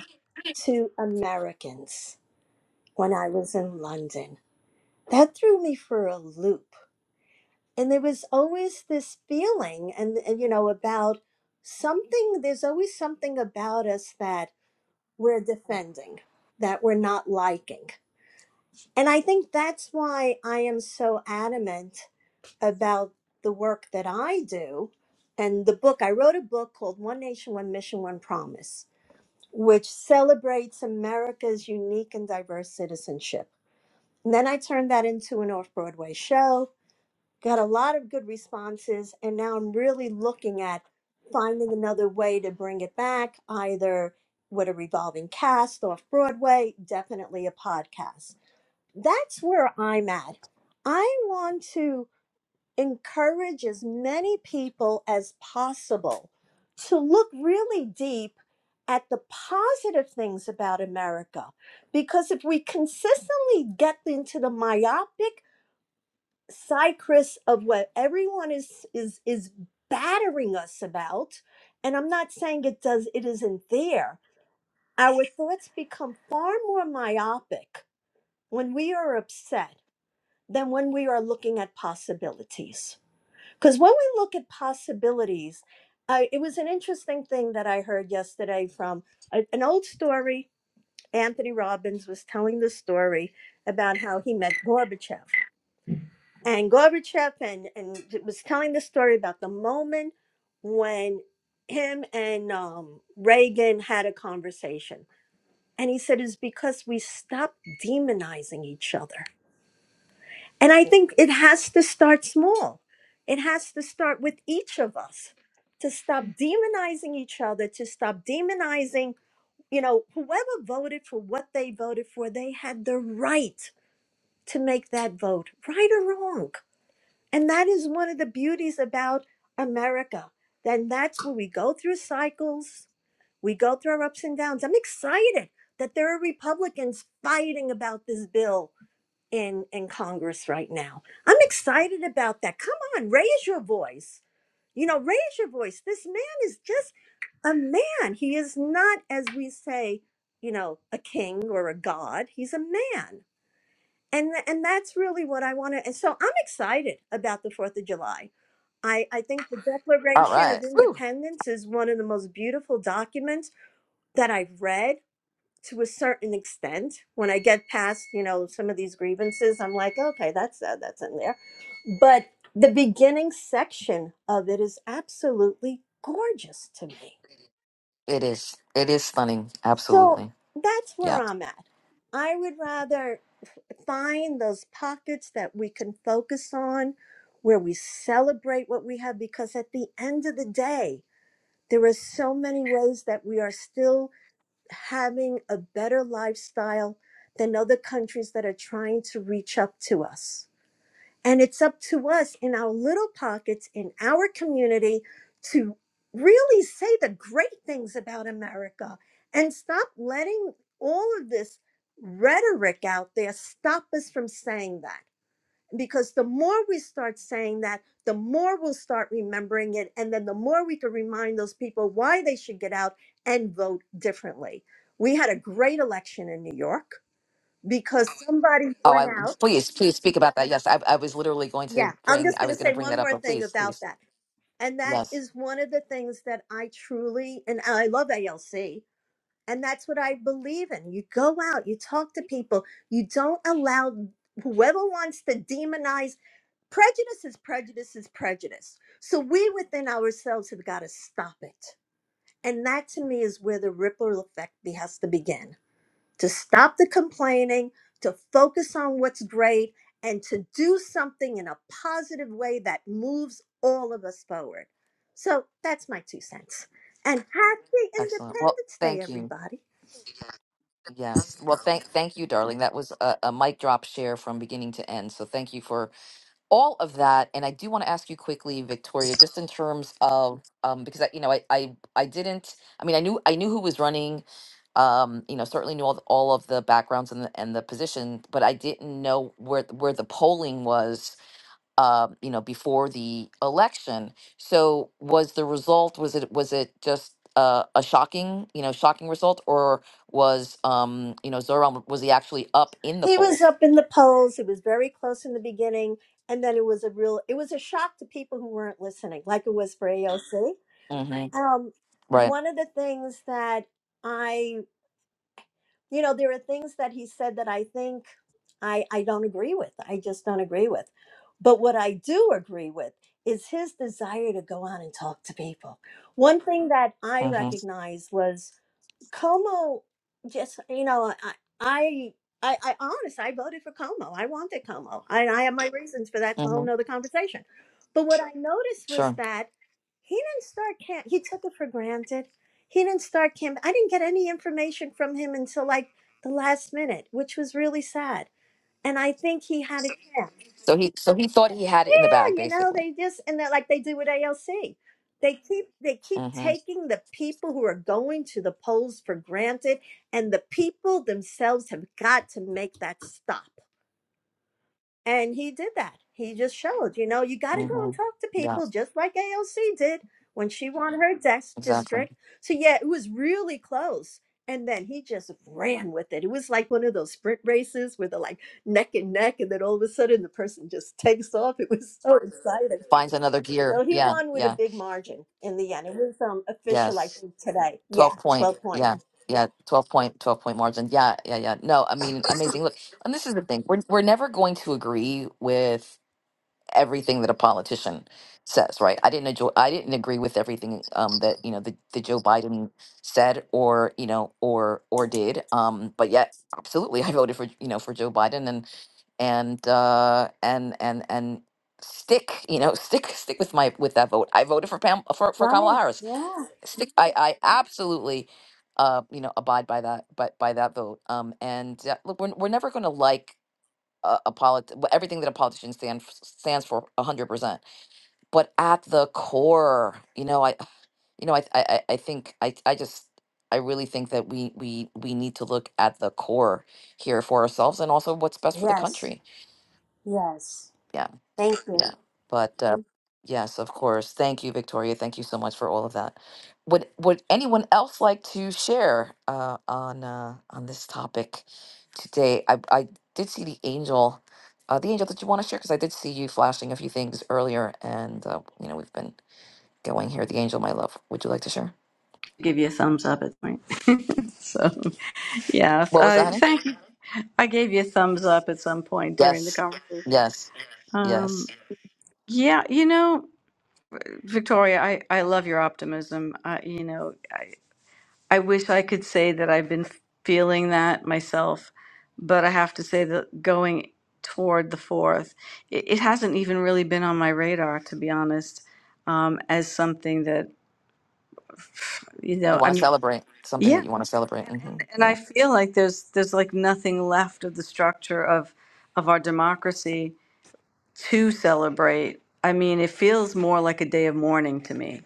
[SPEAKER 9] to Americans when I was in London. That threw me for a loop and there was always this feeling and, and you know about something there's always something about us that we're defending that we're not liking and i think that's why i am so adamant about the work that i do and the book i wrote a book called one nation one mission one promise which celebrates america's unique and diverse citizenship and then i turned that into an off-broadway show got a lot of good responses and now i'm really looking at finding another way to bring it back either with a revolving cast off broadway definitely a podcast that's where i'm at i want to encourage as many people as possible to look really deep at the positive things about America. Because if we consistently get into the myopic cycris of what everyone is is is battering us about and i'm not saying it does it isn't there our thoughts become far more myopic when we are upset than when we are looking at possibilities because when we look at possibilities uh, it was an interesting thing that i heard yesterday from a- an old story anthony robbins was telling the story about how he met gorbachev and Gorbachev and and it was telling the story about the moment when him and um, Reagan had a conversation, and he said it's because we stopped demonizing each other, and I think it has to start small. It has to start with each of us to stop demonizing each other, to stop demonizing. You know, whoever voted for what they voted for, they had the right to make that vote, right or wrong and that is one of the beauties about America. Then that's where we go through cycles, we go through our ups and downs. I'm excited that there are Republicans fighting about this bill in, in Congress right now. I'm excited about that. Come on, raise your voice. You know, raise your voice. This man is just a man. He is not, as we say, you know, a king or a god. He's a man. And, and that's really what I want to. And so I'm excited about the 4th of July. I, I think the
[SPEAKER 1] all
[SPEAKER 9] Declaration
[SPEAKER 1] right
[SPEAKER 9] of
[SPEAKER 1] Woo.
[SPEAKER 9] Independence is one of the most beautiful documents that I've read to a certain extent. When I get past, you know, some of these grievances, I'm like, okay, that's uh, that's in there. But the beginning section of it is absolutely gorgeous to me.
[SPEAKER 1] it is it is stunning
[SPEAKER 9] So
[SPEAKER 1] absolutely
[SPEAKER 9] that's
[SPEAKER 1] yeah
[SPEAKER 9] where I'm at. I would rather find those pockets that we can focus on where we celebrate what we have because at the end of the day, There are so many ways that we are still having a better lifestyle than other countries that are trying to reach up to us. And it's up to us in our little pockets, in our community, to really say the great things about America and stop letting all of this rhetoric out there stop us from saying that because the more we start saying that, the more we'll start remembering it. And then the more we can remind those people why they should get out and vote differently. We had a great election in New York because somebody
[SPEAKER 1] Oh,
[SPEAKER 9] went
[SPEAKER 1] I
[SPEAKER 9] out.
[SPEAKER 1] please, please speak about that. Yes, I, I was literally going to
[SPEAKER 9] Yeah, I'm
[SPEAKER 1] bring,
[SPEAKER 9] just
[SPEAKER 1] I
[SPEAKER 9] going
[SPEAKER 1] was
[SPEAKER 9] to
[SPEAKER 1] going to
[SPEAKER 9] say
[SPEAKER 1] bring that
[SPEAKER 9] one
[SPEAKER 1] up,
[SPEAKER 9] more
[SPEAKER 1] but
[SPEAKER 9] thing
[SPEAKER 1] please,
[SPEAKER 9] about
[SPEAKER 1] please.
[SPEAKER 9] that. And that
[SPEAKER 1] Yes,
[SPEAKER 9] is one of the things that I truly, and I love ALC, and that's what I believe in. You go out, you talk to people, you don't allow whoever wants to demonize Prejudice is prejudice is prejudice. So we within ourselves have got to stop it. And that to me is where the ripple effect be- has to begin to stop the complaining, to focus on what's great, and to do something in a positive way that moves all of us forward. So that's my two cents. And happy
[SPEAKER 1] excellent. Well,
[SPEAKER 9] Independence Day,
[SPEAKER 1] thank you.
[SPEAKER 9] everybody.
[SPEAKER 1] Yes. Well, thank, thank you, darling. That was a, a mic drop share from beginning to end. So thank you for all of that. And I do want to ask you quickly, Victoria, just in terms of, um, because I, you know, I, I, I didn't, I mean, I knew, I knew who was running, um, you know, certainly knew all, the, all of the backgrounds and the, and the position, but I didn't know where, where the polling was uh, you know, before the election. So was the result was it was it just uh, a shocking you know shocking result or was um you know Zoran was he actually up in the
[SPEAKER 9] He was
[SPEAKER 1] polls?
[SPEAKER 9] up in the polls. It was very close in the beginning, and then it was a real it was a shock to people who weren't listening, like it was for AOC.
[SPEAKER 1] hmm
[SPEAKER 9] Um,
[SPEAKER 1] Right.
[SPEAKER 9] one of the things that I, you know, there are things that he said that I think I I don't agree with. I just don't agree with. But what I do agree with is his desire to go on and talk to people. One thing that I
[SPEAKER 1] hmm
[SPEAKER 9] recognized was Como, just you know, I I I, I honest, I voted for Como. I wanted Como. I I have my reasons for that. that's a whole
[SPEAKER 1] hmm
[SPEAKER 9] nother conversation. But what I noticed was
[SPEAKER 1] Sure.
[SPEAKER 9] that he didn't start camp. He took it for granted. He didn't start camp. I didn't get any information from him until like the last minute, which was really sad. And I think he had a chance
[SPEAKER 1] So he so he thought he had it in the bag
[SPEAKER 9] you know
[SPEAKER 1] basically.
[SPEAKER 9] they just and they're like they do with ALC. They keep they keep
[SPEAKER 1] hmm
[SPEAKER 9] taking the people who are going to the polls for granted, and the people themselves have got to make that stop. And he did that. He just showed, you know, you got to go
[SPEAKER 1] hmm
[SPEAKER 9] and talk to
[SPEAKER 1] Yeah.
[SPEAKER 9] people, just like ALC did when she won her desk
[SPEAKER 1] Exactly.
[SPEAKER 9] district. So yeah, it was really close. And then he just ran with it. It was like one of those sprint races where they're like neck and neck, and then all of a sudden the person just takes off. It was so exciting.
[SPEAKER 1] Finds another gear.
[SPEAKER 9] So he
[SPEAKER 1] Yeah.
[SPEAKER 9] won with a
[SPEAKER 1] Yeah.
[SPEAKER 9] big margin in the end. It was um, official, I
[SPEAKER 1] Yes.
[SPEAKER 9] think, today. Yeah,
[SPEAKER 1] 12 point
[SPEAKER 9] 12 points.
[SPEAKER 1] yeah yeah 12 point 12 point margin yeah yeah yeah no i mean amazing look and this is the thing we're, we're never going to agree with everything that a politician says right i didn't enjoy i didn't agree with everything um that you know the, the joe biden said or you know or or did um but yet absolutely i voted for you know for joe biden and and uh and and and stick you know stick stick with my with that vote i voted for pam for, for kamala
[SPEAKER 9] Right.
[SPEAKER 1] harris
[SPEAKER 9] Yeah.
[SPEAKER 1] stick i i absolutely uh you know abide by that but by, that vote um and uh, look we're, we're never going to like a, a polit- wh- everything that a politician stand f- stands for 100% but at the core you know i you know i i i I think i i just I really think that we we we need to look at the core here for ourselves and also what's best for the
[SPEAKER 9] Yes.
[SPEAKER 1] country.
[SPEAKER 9] Yes. Thank you.
[SPEAKER 1] Yeah. But uh, Mm. yes, of course. Thank you, Victoria. Thank you so much for all of that. Would Would anyone else like to share uh, on uh, on this topic today? I I did see the angel. Uh, the angel that you want to share because I did see you flashing a few things earlier, and uh, you know we've been going here. The angel, my love, would you like to share?
[SPEAKER 10] give you a thumbs up at point. so, yeah, so,
[SPEAKER 1] What was
[SPEAKER 10] uh,
[SPEAKER 1] that, honey?
[SPEAKER 10] thank you. I gave you a thumbs up at some point during the
[SPEAKER 1] Yes,
[SPEAKER 10] conversation.
[SPEAKER 1] yes,
[SPEAKER 10] Um,
[SPEAKER 1] yes.
[SPEAKER 10] yeah, you know, Victoria, I, I love your optimism. I, you know, I, I wish I could say that I've been feeling that myself, but I have to say that going toward the fourth, it, it hasn't even really been on my radar, to be honest, um, as something that, you
[SPEAKER 1] You
[SPEAKER 10] know,
[SPEAKER 1] want
[SPEAKER 10] I
[SPEAKER 1] to
[SPEAKER 10] mean,
[SPEAKER 1] celebrate something
[SPEAKER 10] yeah.
[SPEAKER 1] that you want to celebrate?
[SPEAKER 10] And,
[SPEAKER 1] hmm
[SPEAKER 10] and, and I
[SPEAKER 1] Yeah,
[SPEAKER 10] feel like there's there's like nothing left of the structure of of our democracy to celebrate. I mean, it feels more like a day of mourning to me.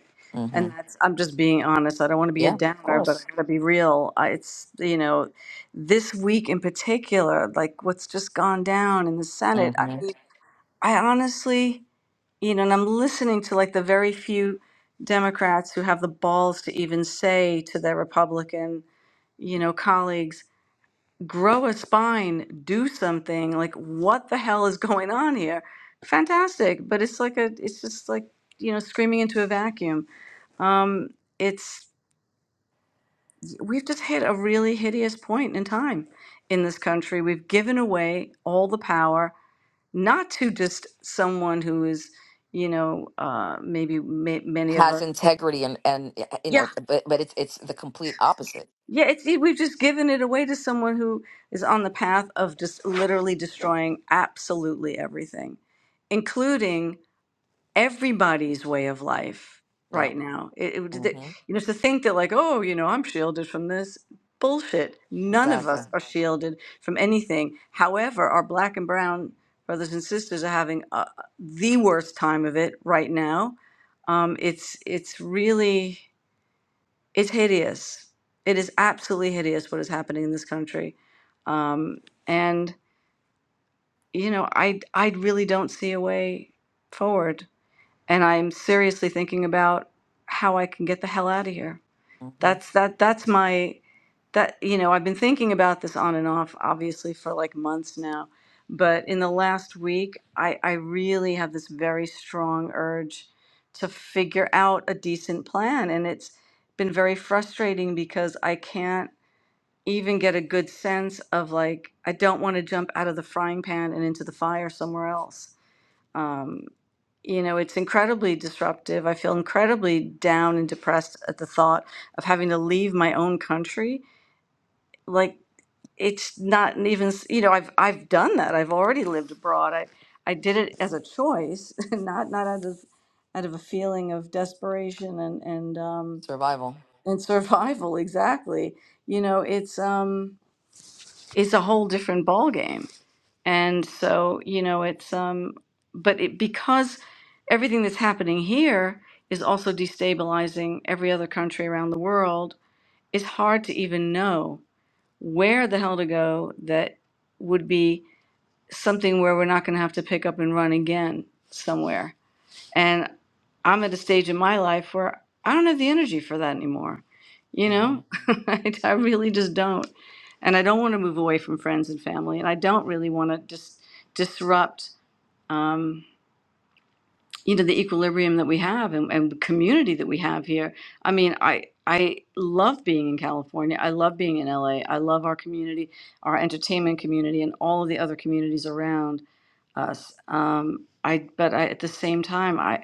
[SPEAKER 10] And
[SPEAKER 1] hmm
[SPEAKER 10] that's I'm just being honest. I don't want to be a
[SPEAKER 1] yeah, of
[SPEAKER 10] downer, but I
[SPEAKER 1] course.
[SPEAKER 10] got to be real. I, it's you know, this week in particular, like what's just gone down in the Senate. I
[SPEAKER 1] Mm-hmm.
[SPEAKER 10] mean, I honestly, you know, and I'm listening to like the very few Democrats who have the balls to even say to their Republican you know, colleagues, grow a spine, do something. Like, what the hell is going on here? Fantastic, but it's like a, it's just like you know, screaming into a vacuum. Um, it's we've just hit a really hideous point in time in this country. We've given away all the power, not to just someone who is, you know, uh, maybe ma- many of
[SPEAKER 1] has
[SPEAKER 10] us.
[SPEAKER 1] integrity and and y- you know but but it's it's the complete opposite
[SPEAKER 10] Yeah, it's, it, we've just given it away to someone who is on the path of just literally destroying absolutely everything, including everybody's way of life
[SPEAKER 1] yeah
[SPEAKER 10] right now. It, it, would- that-
[SPEAKER 1] hmm
[SPEAKER 10] you know, to think that like, oh, you know, I'm shielded from this bullshit. None of
[SPEAKER 1] exactly
[SPEAKER 10] us are shielded from anything. However, our black and brown brothers and sisters are having uh, the worst time of it right now. Um, it's it's really. It's hideous. It is absolutely hideous what is happening in this country. Um, and, you know, I, I really don't see a way forward. And I'm seriously thinking about how I can get the hell out of here.
[SPEAKER 1] hmm
[SPEAKER 10] That's that that's my that you know, I've been thinking about this on and off obviously for like months now. But in the last week, I I really have this very strong urge to figure out a decent plan and it's been very frustrating because I can't even get a good sense of like I don't want to jump out of the frying pan and into the fire somewhere else. Um, you know, it's incredibly disruptive. I feel incredibly down and depressed at the thought of having to leave my own country. Like it's not even, s- you know, I've I've done that. I've already lived abroad. I I did it as a choice, not not out of out of a feeling of desperation and and um
[SPEAKER 1] survival
[SPEAKER 10] and survival exactly. You know, it's um it's a whole different ballgame. And so, you know, it's um but it because everything that's happening here is also destabilizing every other country around the world, it's hard to even know where the hell to go that would be something where we're not going to have to pick up and run again somewhere and I'm at a stage in my life where I don't have the energy for that anymore. You
[SPEAKER 1] hmm
[SPEAKER 10] know, I, I really just don't. And I don't want to move away from friends and family. And I don't really want to just disrupt, um, you know, the equilibrium that we have and, and the community that we have here. I mean, I, I love being in California. I love being in LA. I love our community, our entertainment community, and all of the other communities around us. Um, I, but I, at the same time, I.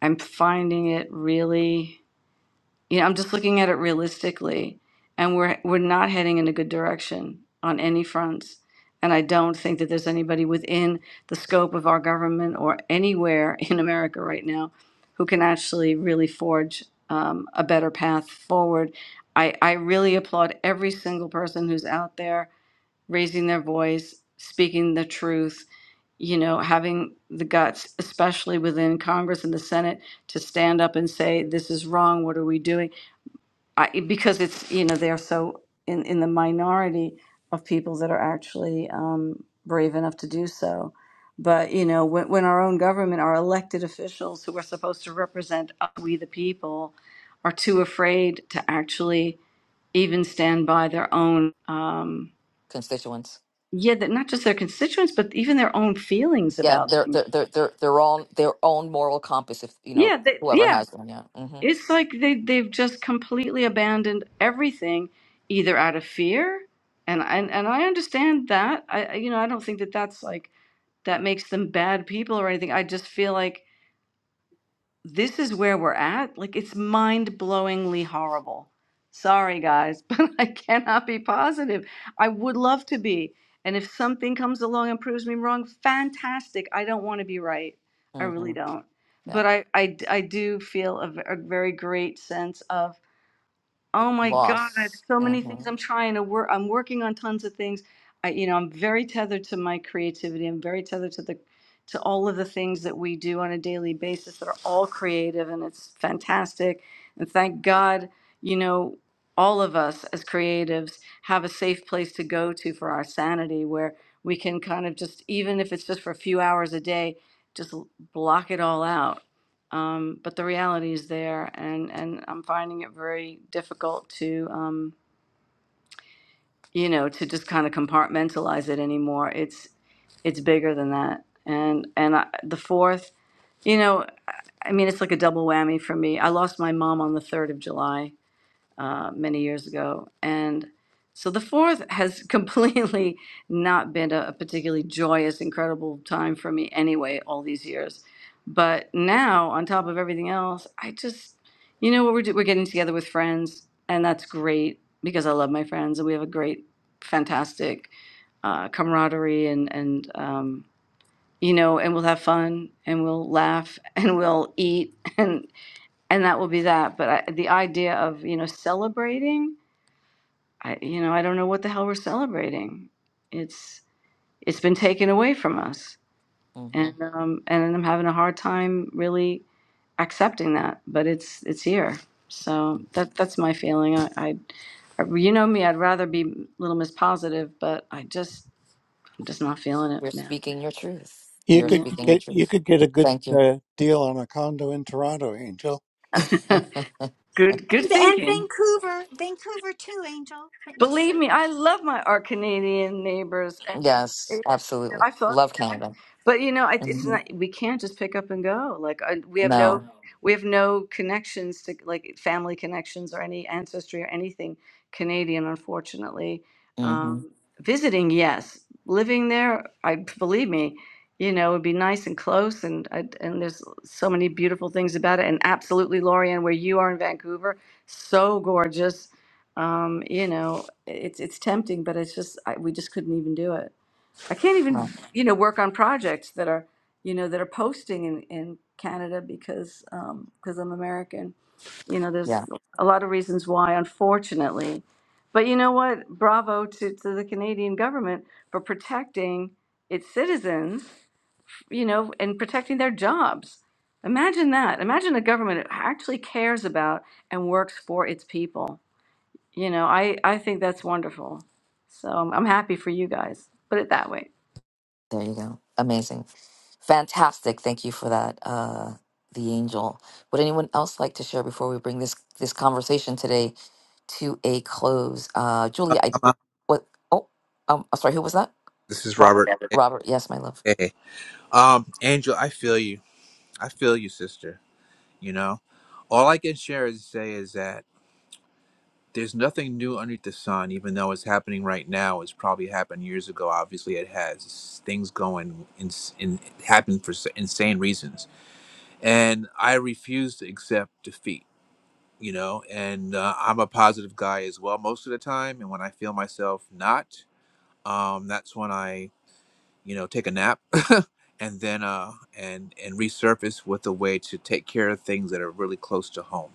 [SPEAKER 10] I'm finding it really, you know, I'm just looking at it realistically, and we're we're not heading in a good direction on any fronts. And I don't think that there's anybody within the scope of our government or anywhere in America right now who can actually really forge um, a better path forward. I, I really applaud every single person who's out there raising their voice, speaking the truth, you know, having the guts, especially within Congress and the Senate, to stand up and say, this is wrong, what are we doing? I, because it's, you know, they're so in, in the minority of people that are actually um, brave enough to do so. But, you know, when, when our own government, our elected officials who are supposed to represent us, we the people, are too afraid to actually even stand by their own. Um,
[SPEAKER 1] constituents
[SPEAKER 10] yeah that not just their constituents but even their own feelings
[SPEAKER 1] yeah
[SPEAKER 10] about
[SPEAKER 1] they're
[SPEAKER 10] things
[SPEAKER 1] they're they're they're their own their own moral compass if you know
[SPEAKER 10] yeah they,
[SPEAKER 1] whoever
[SPEAKER 10] yeah
[SPEAKER 1] has them yeah hmm
[SPEAKER 10] it's like they they've just completely abandoned everything either out of fear and and, and i understand that I I- you know i don't think that that's like that makes them bad people or anything i just feel like this is where we're at. Like it's mind blowingly horrible. Sorry, guys, but I cannot be positive. I would love to be. And if something comes along and proves me wrong, fantastic. I don't want to be right. I
[SPEAKER 1] hmm
[SPEAKER 10] really don't.
[SPEAKER 1] yeah
[SPEAKER 10] But I, I, I do feel a, v- a very great sense of Oh my God,
[SPEAKER 1] loss
[SPEAKER 10] so
[SPEAKER 1] hmm
[SPEAKER 10] many things I'm trying to work. I'm working on tons of things. I, you know, I'm very tethered to my creativity. I'm very tethered to the to all of the things that we do on a daily basis that are all creative and it's fantastic. And thank God, you know, all of us as creatives have a safe place to go to for our sanity where we can kind of just even if it's just for a few hours a day, just l- block it all out um, but the reality is there, and and I'm finding it very difficult to um, you know to just kind of compartmentalize it anymore. It's it's bigger than that, and and I, the fourth, you know, I mean, it's like a double whammy for me. I lost my mom on the third of July, uh, many years ago. And so the fourth has completely not been a, a particularly joyous, incredible time for me anyway, all these years. But now, on top of everything else, I just, you know what, we're, do- we're getting together with friends, and that's great because I love my friends, and we have a great, fantastic uh, camaraderie, and, and um, you know, and we'll have fun, and we'll laugh, and we'll eat, and and that will be that. But I, the idea of you know celebrating, I you know I don't know what the hell we're celebrating. It's it's been taken away from us,
[SPEAKER 1] hmm
[SPEAKER 10] and um, and I'm having a hard time really accepting that. But it's it's here, so that that's my feeling. I, I, I you know me, I'd rather be Little Miss Positive, but I just I'm just not feeling it
[SPEAKER 1] you're
[SPEAKER 10] now.
[SPEAKER 1] speaking your truth
[SPEAKER 6] You
[SPEAKER 1] you're
[SPEAKER 10] Yeah,
[SPEAKER 6] could
[SPEAKER 1] speaking your
[SPEAKER 6] get you
[SPEAKER 1] truth
[SPEAKER 6] could get a good
[SPEAKER 1] thank you
[SPEAKER 6] uh, deal on a condo in Toronto, Angel.
[SPEAKER 10] good good
[SPEAKER 5] and, and
[SPEAKER 10] thinking.
[SPEAKER 5] Vancouver Vancouver too Angel but just so-
[SPEAKER 10] Believe me, I love my our Canadian neighbors. And, it,
[SPEAKER 1] yes
[SPEAKER 10] you know,
[SPEAKER 1] absolutely
[SPEAKER 10] I thought.
[SPEAKER 1] love canada
[SPEAKER 10] But you know, I- it's
[SPEAKER 1] hmm
[SPEAKER 10] not, we can't just pick up and go. Like I, we have no, No.
[SPEAKER 1] no
[SPEAKER 10] we have no connections to like family connections or any ancestry or anything Canadian, unfortunately.
[SPEAKER 1] hmm
[SPEAKER 10] Um, visiting, yes. Living there, I believe me, you know, it'd be nice and close, and I, and there's so many beautiful things about it. And absolutely, Lorianne, where you are in Vancouver, so gorgeous. Um, you know, it's it's tempting, but it's just I, we just couldn't even do it. I can't even,
[SPEAKER 1] no.
[SPEAKER 10] you know, work on projects that are, you know, that are posting in, in Canada because um, because I'm American. You know, there's
[SPEAKER 1] Yeah.
[SPEAKER 10] a lot of reasons why, unfortunately. But you know what? Bravo to, to the Canadian government for protecting its citizens, you know, and protecting their jobs. Imagine that. Imagine a government that actually cares about and works for its people. You know, I, I think that's wonderful. So I'm I'm happy for you guys. Put it that way.
[SPEAKER 1] There you go. Amazing. Fantastic. Thank you for that, uh, the angel. Would anyone else like to share before we bring this this conversation today to a close? Uh, Julia, I
[SPEAKER 2] Uh,
[SPEAKER 1] what? Oh, um, I'm sorry. Who was that?
[SPEAKER 2] This is
[SPEAKER 1] Robert.
[SPEAKER 2] Robert.
[SPEAKER 1] Robert. Robert, Yes, my love.
[SPEAKER 2] Hey. Um, Angel, I feel you. I feel you, sister. You know? All I can share is say is that. There's nothing new underneath the sun, even though it's happening right now. It's probably happened years ago. Obviously, it has things going in, in happen for s- insane reasons, and I refuse to accept defeat. You know, and uh, I'm a positive guy as well most of the time. And when I feel myself not, um, that's when I, you know, take a nap and then uh, and and resurface with a way to take care of things that are really close to home.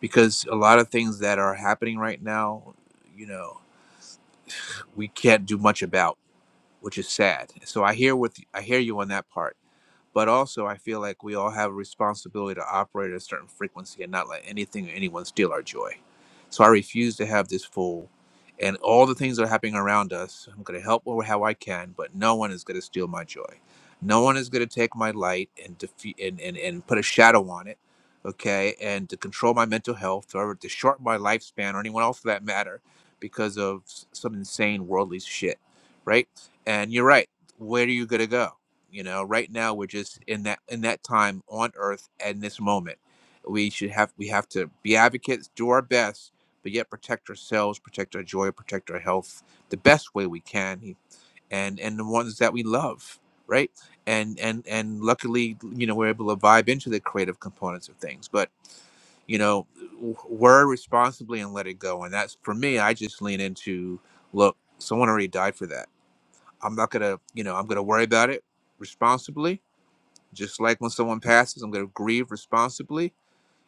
[SPEAKER 2] Because a lot of things that are happening right now, you know. we can't do much about, which is sad. So I hear what I hear you on that part. But also, I feel like we all have a responsibility to operate at a certain frequency and not let anything or anyone steal our joy. So I refuse to have this fool. And all the things that are happening around us, I'm going to help where- how I can, but no one is going to steal my joy. No one is going to take my light and, defe- and, and, and put a shadow on it, okay? And to control my mental health or to shorten my lifespan or anyone else for that matter because of s- some insane worldly shit, right? And you're right. Where are you going to go? You know, right now we're just in that in that time on earth and this moment. We should have we have to be advocates, do our best, but yet protect ourselves, protect our joy, protect our health the best way we can and and the ones that we love, right? And and and luckily, you know, we're able to vibe into the creative components of things. But you know, w- word responsibly and let it go. And that's for me, I just lean into look, someone already died for that I'm not gonna, you know, I'm gonna worry about it responsibly. Just like when someone passes, I'm gonna grieve responsibly.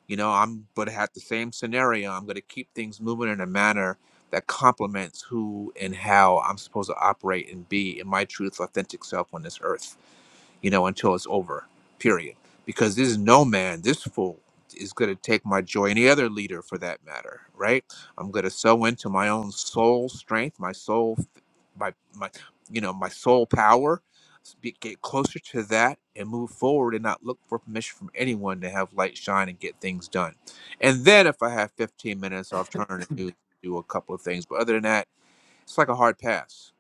[SPEAKER 2] You know, I'm gonna have the same scenario. I'm gonna keep things moving in a manner that complements who and how I'm supposed to operate and be in my truth, authentic self on this earth you know, until it's over, period. Because this is no man, this fool is going to take my joy, any other leader for that matter, right? I'm going to sow into my own soul strength, my soul, my, my, you know, my soul power, be- get closer to that and move forward and not look for permission from anyone to have light shine and get things done. And then if I have 15 minutes, I'll turn and do, do a couple of things. But other than that, it's like a hard pass,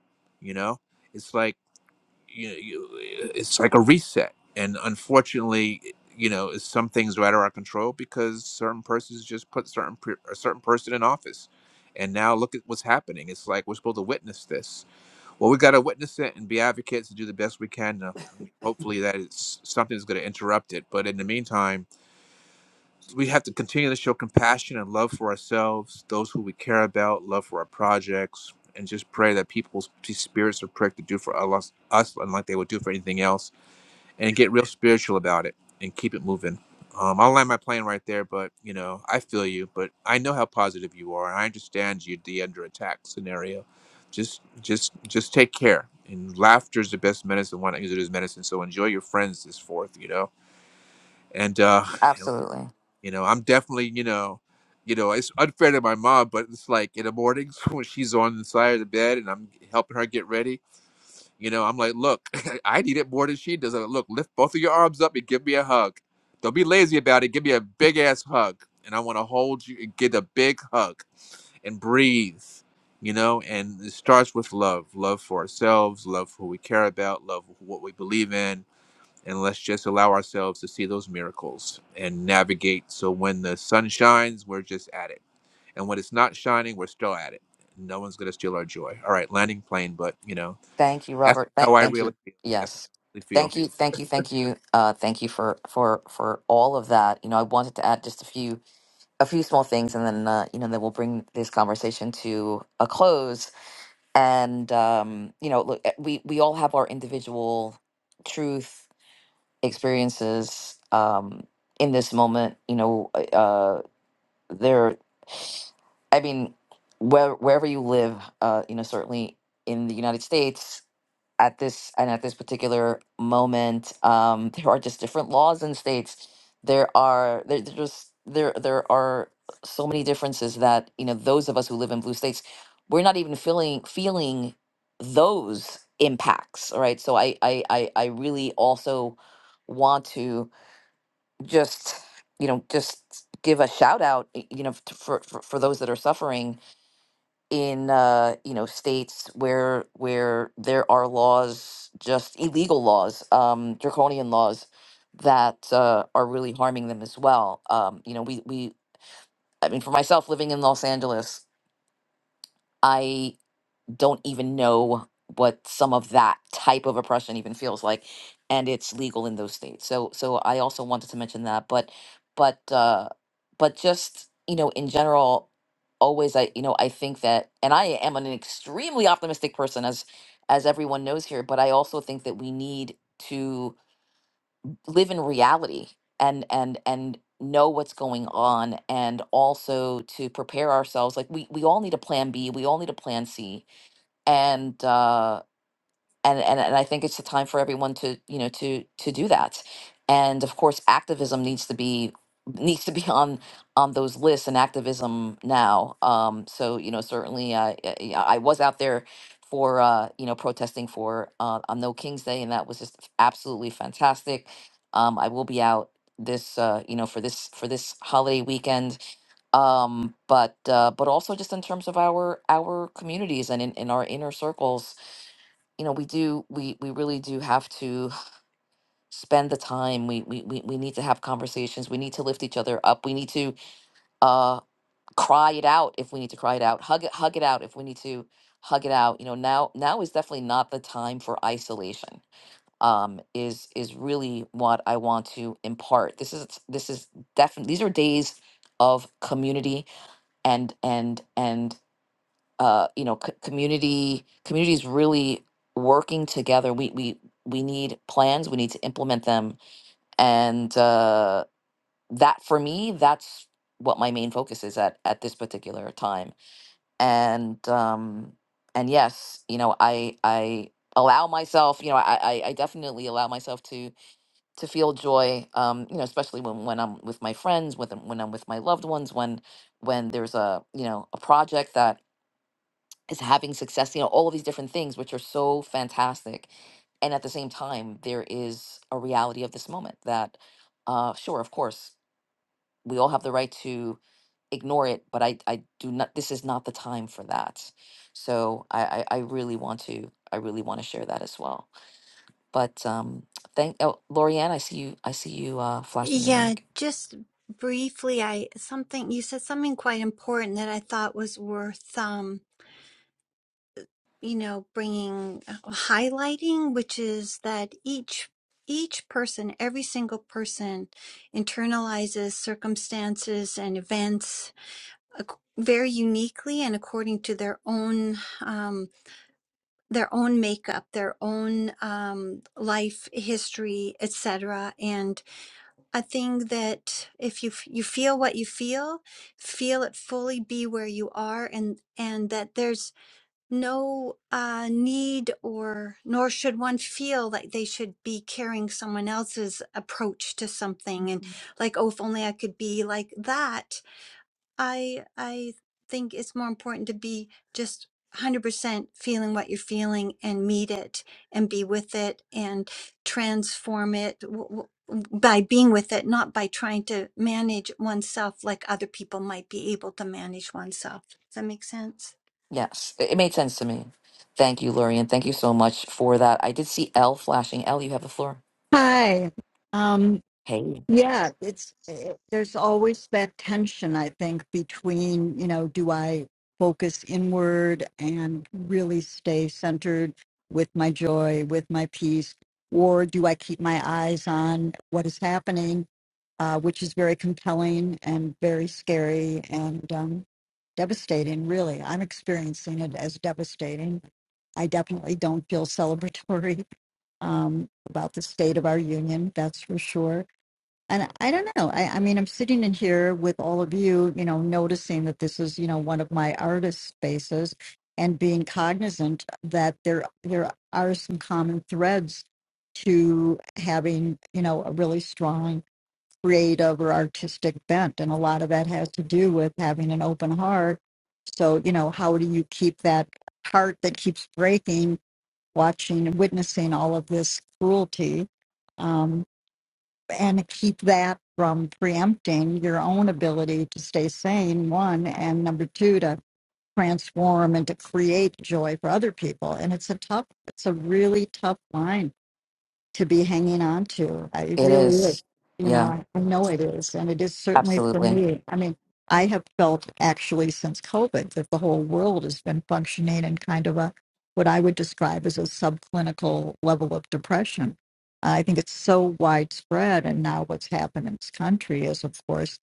[SPEAKER 2] you know? It's like, you, you it's like a reset and unfortunately you know it's- some things are out of our control because certain persons just put certain per- a certain person in office and now look at what's happening it's like we're supposed to witness this well we got to witness it and be advocates and do the best we can to, hopefully that is something that's going to interrupt it but in the meantime we have to continue to show compassion and love for ourselves, those who we care about, love for our projects, and just pray that people's these spirits are pricked to do for us, us unlike they would do for anything else, and get real spiritual about it and keep it moving. Um, I'll land my plane right there, but you know, I feel you, but I know how positive you are, and I understand you the under attack scenario. Just, just, just take care. And laughter is the best medicine. Why not use it as medicine? So enjoy your friends this fourth, you know. And uh,
[SPEAKER 1] Absolutely.
[SPEAKER 2] you know, I'm definitely, you know, you know, it's unfair to my mom, but it's like in the mornings when she's on the side of the bed and I'm helping her get ready, you know, I'm like, look, I need it more than she does. I'm like, look, lift both of your arms up and give me a hug. Don't be lazy about it. Give me a big ass hug. And I want to hold you and get a big hug and breathe, you know, and it starts with love love for ourselves, love for who we care about, love for what we believe in and let's just allow ourselves to see those miracles and navigate so when the sun shines we're just at it and when it's not shining we're still at it no one's going to steal our joy all right landing plane but you know
[SPEAKER 1] Thank you,
[SPEAKER 2] that's
[SPEAKER 1] Robert.
[SPEAKER 2] how
[SPEAKER 1] Thank,
[SPEAKER 2] i
[SPEAKER 1] thank
[SPEAKER 2] really
[SPEAKER 1] you.
[SPEAKER 2] feel that's how
[SPEAKER 1] Yes.
[SPEAKER 2] i really feel
[SPEAKER 1] Thank you. Thank you. Thank you. Uh, thank you for for for all of that. You know, I wanted to add just a few a few small things, and then uh, you know, then we'll bring this conversation to a close and um, you know, look, eh, we we all have our individual truth experiences um, in this moment. You know, uh, uh, there. I mean, where, wherever you live, uh, you know, certainly in the United States at this and at this particular moment um there are just different laws in states there are there, there just there there are so many differences that you know those of us who live in blue states we're not even feeling feeling those impacts all right so i i i, I really also want to just you know just give a shout out y- you know f- for, for for those that are suffering in uh, you know states where where there are laws, just illegal laws, um, draconian laws that uh, are really harming them as well. Um, you know, we we I mean, for myself living in Los Angeles, don't even know what some of that type of oppression even feels like and it's legal in those states so so i also wanted to mention that but but uh but just you know in general always i you know i think that and i am an extremely optimistic person as as everyone knows here but i also think that we need to live in reality and and and know what's going on and also to prepare ourselves like we we all need a plan b we all need a plan c and uh, and and, and i think it's a time for everyone to you know to to do that and of course activism needs to be needs to be on on those lists and activism now um so you know certainly uh, i i I was out there for uh you know protesting for uh on no king's day and that was just absolutely fantastic um i will be out this uh you know for this for this holiday weekend um but uh but also just in terms of our our communities and in, in our inner circles you know we do we we really do have to spend the time we we we, we need to have conversations we need to lift each other up we need to uh cry it out if we need to cry it out hug it hug it out if we need to hug it out you know now now is definitely not the time for isolation um is is really what i want to impart this is this is definitely these are days of community and and and uh, you know, c- community communities really working together. We we we need plans. We need to implement them, and uh, that for me, that's what my main focus is at at this particular time. And um, and yes, you know, I I allow myself, you know, I I I definitely allow myself to to feel joy. Um, you know, especially when when I'm with my friends, with when I'm with my loved ones, when when there's a you know a project that is having success, you know, all of these different things, which are so fantastic. And at the same time, there is a reality of this moment that, uh, sure, of course, we all have the right to ignore it, but I, I do not, this is not the time for that. So I, I, I really want to, I really want to share that as well. But, um, thank, oh, Lorianne, I see you, I see you, uh, flashing your
[SPEAKER 5] Yeah,
[SPEAKER 1] mic.
[SPEAKER 5] just briefly, I something you said something quite important that I thought was worth. um. you know bringing uh, highlighting which is that each each person every single person internalizes circumstances and events ac- very uniquely and according to their own um, their own makeup their own um, life history etc and i think that if you f- you feel what you feel feel it fully be where you are and and that there's no uh, need or nor should one feel like they should be carrying someone else's approach to something and like oh if only i could be like that i i think it's more important to be just 100% feeling what you're feeling and meet it and be with it and transform it w- w- by being with it not by trying to manage oneself like other people might be able to manage oneself does that make sense
[SPEAKER 1] Yes, it, it made sense to me. Thank you, Lorianne. Thank you so much for that. I did see L flashing. L, you have the floor.
[SPEAKER 11] Hi. Um,
[SPEAKER 1] Hey.
[SPEAKER 11] yeah, it's eh, there's always that tension, I think, between, you know, do I focus inward and really stay centered with my joy, with my peace, or do I keep my eyes on what is happening, uh, which is very compelling and very scary and um, devastating, really. I'm experiencing it as devastating. I definitely don't feel celebratory um, about the state of our union, that's for sure. And I don't know. I, I mean, I'm sitting in here with all of you, you know, noticing that this is, you know, one of my artist spaces and being cognizant that there there are some common threads to having, you know, a really strong creative or artistic bent. And a lot of that has to do with having an open heart. So, you know, how do you keep that heart that keeps breaking watching and witnessing all of this cruelty um, and keep that from preempting your own ability to stay sane, one, and number two, to transform and to create joy for other people. And it's a tough, it's a really tough line to be hanging on to. I it
[SPEAKER 1] It
[SPEAKER 11] really, is.
[SPEAKER 1] is.
[SPEAKER 11] you know,
[SPEAKER 1] Yeah,
[SPEAKER 11] I, I know it is, and it is certainly for
[SPEAKER 1] absolutely.
[SPEAKER 11] me. I mean, I have felt actually since COVID that the whole world has been functioning in kind of a what I would describe as a subclinical level of depression. I think it's so widespread, and now what's happened in this country is, of course,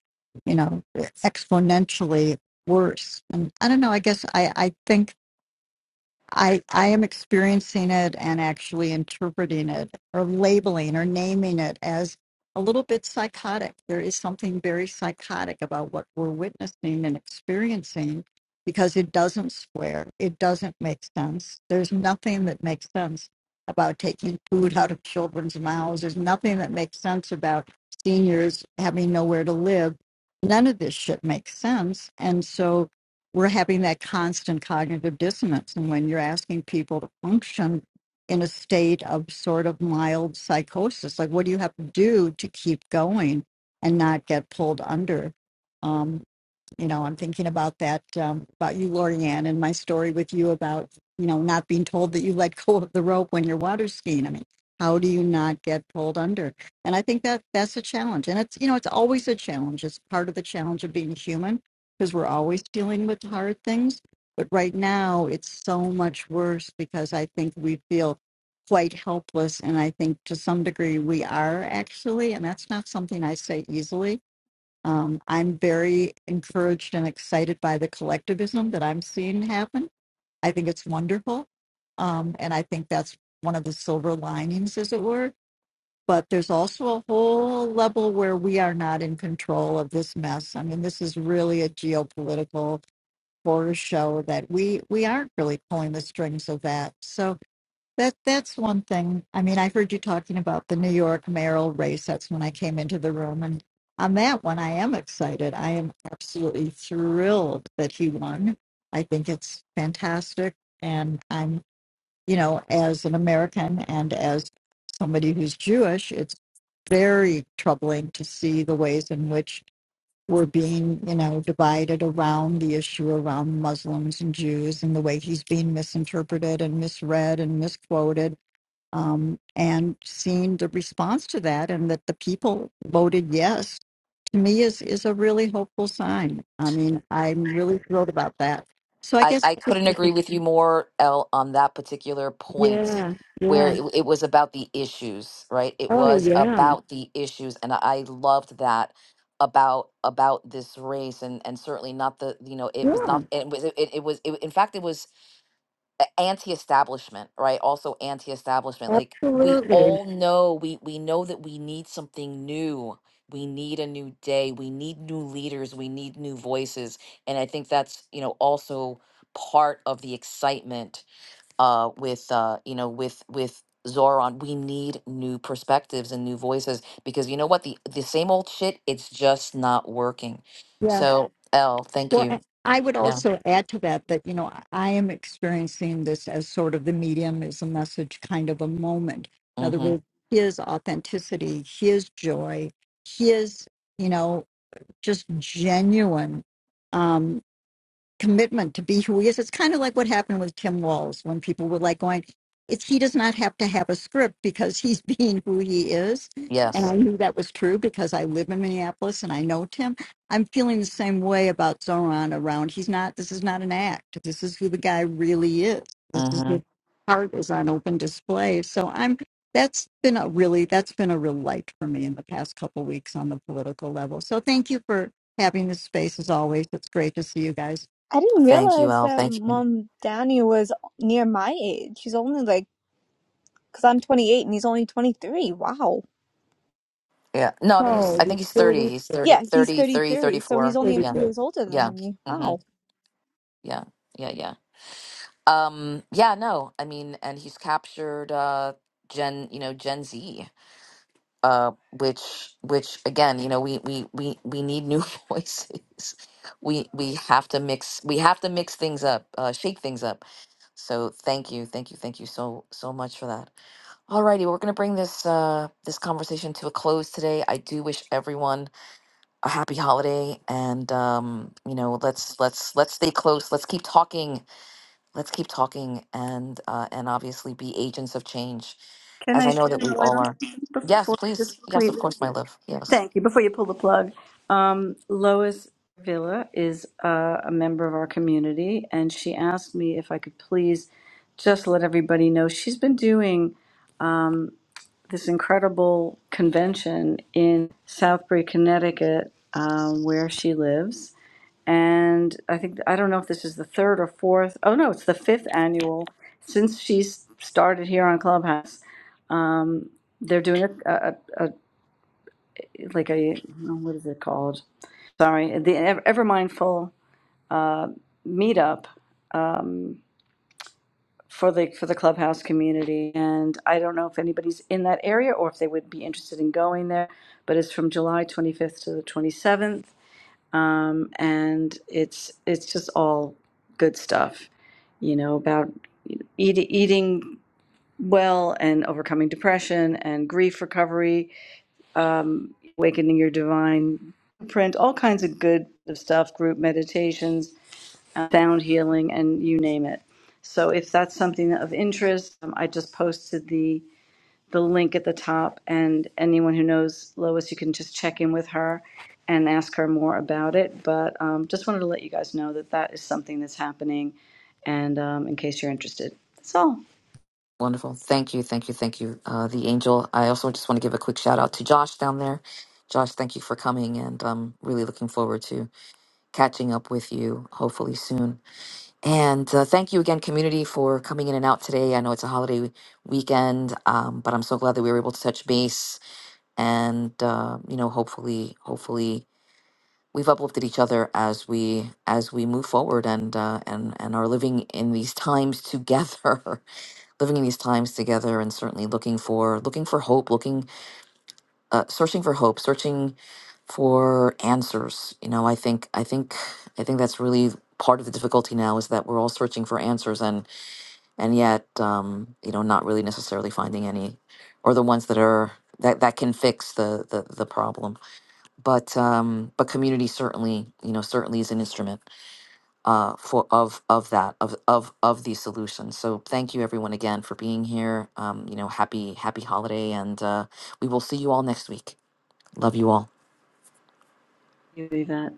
[SPEAKER 11] you know, exponentially worse. And I don't know. I guess I I think. I I am experiencing it and actually interpreting it or labeling or naming it as a little bit psychotic. There is something very psychotic about what we're witnessing and experiencing because it doesn't square. It doesn't make sense. There's nothing that makes sense about taking food out of children's mouths. There's nothing that makes sense about seniors having nowhere to live. None of this shit makes sense. And so we're having that constant cognitive dissonance. And when you're asking people to function in a state of sort of mild psychosis, like what do you have to do to keep going and not get pulled under? Um, you know, I'm thinking about that, um, about you, Lorianne, and my story with you about, you know, not being told that you let go of the rope when you're water skiing. I mean, how do you not get pulled under? And I think that that's a challenge. And it's, you know, it's always a challenge. It's part of the challenge of being human because we're always dealing with hard things. But right now, it's so much worse because I think we feel quite helpless. And I think to some degree we are actually, and that's not something I say easily um, I'm very encouraged and excited by the collectivism that I'm seeing happen. I think it's wonderful. Um, and I think that's one of the silver linings, as it were. But there's also a whole level where we are not in control of this mess. I mean, this is really a geopolitical horror show that we, we aren't really pulling the strings of that. So that that's one thing. I mean, I heard you talking about the New York mayoral race. That's when I came into the room, and on that one, I am excited. I am absolutely thrilled that he won. I think it's fantastic, and I'm, you know, as an American and as somebody who's Jewish, it's very troubling to see the ways in which we're being, you know, divided around the issue around Muslims and Jews, and the way he's being misinterpreted and misread and misquoted um, and seeing the response to that and that the people voted yes to me is is a really hopeful sign. I mean, I'm really thrilled about that. So I
[SPEAKER 1] I,
[SPEAKER 11] guess
[SPEAKER 1] I couldn't agree with you more, Elle, on that particular point
[SPEAKER 11] yeah,
[SPEAKER 1] where
[SPEAKER 11] yeah,
[SPEAKER 1] it, it was about the issues, right? It
[SPEAKER 11] oh
[SPEAKER 1] was
[SPEAKER 11] yeah,
[SPEAKER 1] about the issues. And I loved that about about this race and and certainly not the you know it was not
[SPEAKER 11] yeah,
[SPEAKER 1] it was it, it was it, in fact it was a- anti-establishment right also anti-establishment like we
[SPEAKER 11] absolutely,
[SPEAKER 1] all know we we know that we need something new we need a new day we need new leaders we need new voices and i think that's you know also part of the excitement uh with uh you know with with zoran we need new perspectives and new voices because you know what the the same old shit it's just not working
[SPEAKER 11] yeah.
[SPEAKER 1] so l thank
[SPEAKER 11] Well,
[SPEAKER 1] you
[SPEAKER 11] I I would
[SPEAKER 1] yeah
[SPEAKER 11] also add to that that you know I I am experiencing this as sort of the medium is a message kind of a moment. In other
[SPEAKER 1] mm-hmm
[SPEAKER 11] words, his authenticity, his joy, his you know just genuine. Um, commitment to be who he is. It's kind of like what happened with Tim Walz when people were like going, it's he does not have to have a script because he's being who he is. And
[SPEAKER 1] yes
[SPEAKER 11] I knew that was true because I live in Minneapolis and I know Tim. I'm feeling the same way about Zoran around. He's not, this is not an act. This is who the guy really is. This is
[SPEAKER 1] Mm-hmm.
[SPEAKER 11] the heart is on open display. So I'm, that's been a really, that's been a real light for me in the past couple weeks on the political level. So thank you for having this space as always. It's great to see you guys.
[SPEAKER 7] I didn't
[SPEAKER 1] Thank you,
[SPEAKER 7] realize
[SPEAKER 1] Al.
[SPEAKER 7] that
[SPEAKER 1] Thank you.
[SPEAKER 7] Mom Danny was near my age. He's only like, because I'm 28 and he's only 23. Wow.
[SPEAKER 1] Yeah. No, I mean, he's,
[SPEAKER 11] No,
[SPEAKER 1] I
[SPEAKER 11] the
[SPEAKER 1] think he's 30.
[SPEAKER 11] security
[SPEAKER 1] He's
[SPEAKER 11] is
[SPEAKER 1] 30,
[SPEAKER 7] Yeah, he's
[SPEAKER 1] 33,
[SPEAKER 7] 33, so he's
[SPEAKER 1] thirty-four.
[SPEAKER 7] only a
[SPEAKER 11] pretty
[SPEAKER 1] Yeah.
[SPEAKER 7] few
[SPEAKER 11] good.
[SPEAKER 7] years older
[SPEAKER 1] Yeah.
[SPEAKER 7] than me.
[SPEAKER 1] hmm
[SPEAKER 7] Wow.
[SPEAKER 1] Yeah. Yeah. Yeah. Um, yeah, no, I mean, and he's captured, uh, Gen, you know, Gen Z, uh, which, which again, you know, we, we, we, we need new voices. We, we have to mix, we have to mix things up, uh, shake things up. So thank you. Thank you. Thank you so, so much for that. Alrighty, we're gonna bring this uh this conversation to a close today. I do wish everyone a happy holiday, and um, you know, let's let's let's stay close. Let's keep talking. Let's keep talking, and uh, and obviously be agents of change,
[SPEAKER 10] Can
[SPEAKER 1] as
[SPEAKER 10] I
[SPEAKER 1] I know that
[SPEAKER 10] shine a
[SPEAKER 1] we
[SPEAKER 10] light
[SPEAKER 1] all
[SPEAKER 10] on
[SPEAKER 1] are.
[SPEAKER 10] something
[SPEAKER 1] Yes,
[SPEAKER 10] before
[SPEAKER 1] please.
[SPEAKER 10] just
[SPEAKER 1] Yes, of
[SPEAKER 10] completely?
[SPEAKER 1] course, my love. Yes,
[SPEAKER 10] Thank you. Before you pull the plug, um, Lois Villa is uh, a member of our community, and she asked me if I could please just let everybody know she's been doing um, this incredible convention in Southbury, Connecticut, um, where she lives, and I think I don't know if this is the third or fourth. Oh no, it's the fifth annual since she's started here on Clubhouse. Um, they're doing a, a, a, like a oh, what is it called? Sorry, the Ever- Evermindful uh, meetup um, for the for the Clubhouse community, and I don't know if anybody's in that area or if they would be interested in going there. But it's from July 25th to the 27th um, and it's it's just all good stuff, you know, about eat, eating well and overcoming depression and grief recovery, um, awakening your divine print, all kinds of good stuff, group meditations, uh, sound healing, and you name it. So if that's something of interest, um, I just posted the the link at the top. And anyone who knows Lois, you can just check in with her and ask her more about it. But um, just wanted to let you guys know that that is something that's happening. And um, in case you're interested, that's all.
[SPEAKER 1] wonderful. Thank you, thank you, thank you, uh, the angel. I also just want to give a quick shout out to Josh down there. Josh, thank you for coming, and I'm really looking forward to catching up with you hopefully soon. And uh, thank you again, community, for coming in and out today. I know it's a holiday weekend, um, but I'm so glad that we were able to touch base. And uh, you know, hopefully, hopefully, we've uplifted each other as we as we move forward and uh, and and are living in these times together, living in these times together, and certainly looking for looking for hope, looking uh, searching for hope, searching for answers. You know, I think I think I think that's really part of the difficulty now is that we're all searching for answers and and yet um, you know not really necessarily finding any or the ones that are that, that can fix the, the the problem but um but community certainly you know certainly is an instrument uh for of of that of of of these solutions so thank you everyone again for being here um you know happy happy holiday and uh we will see you all next week love you all
[SPEAKER 10] You, Yvette.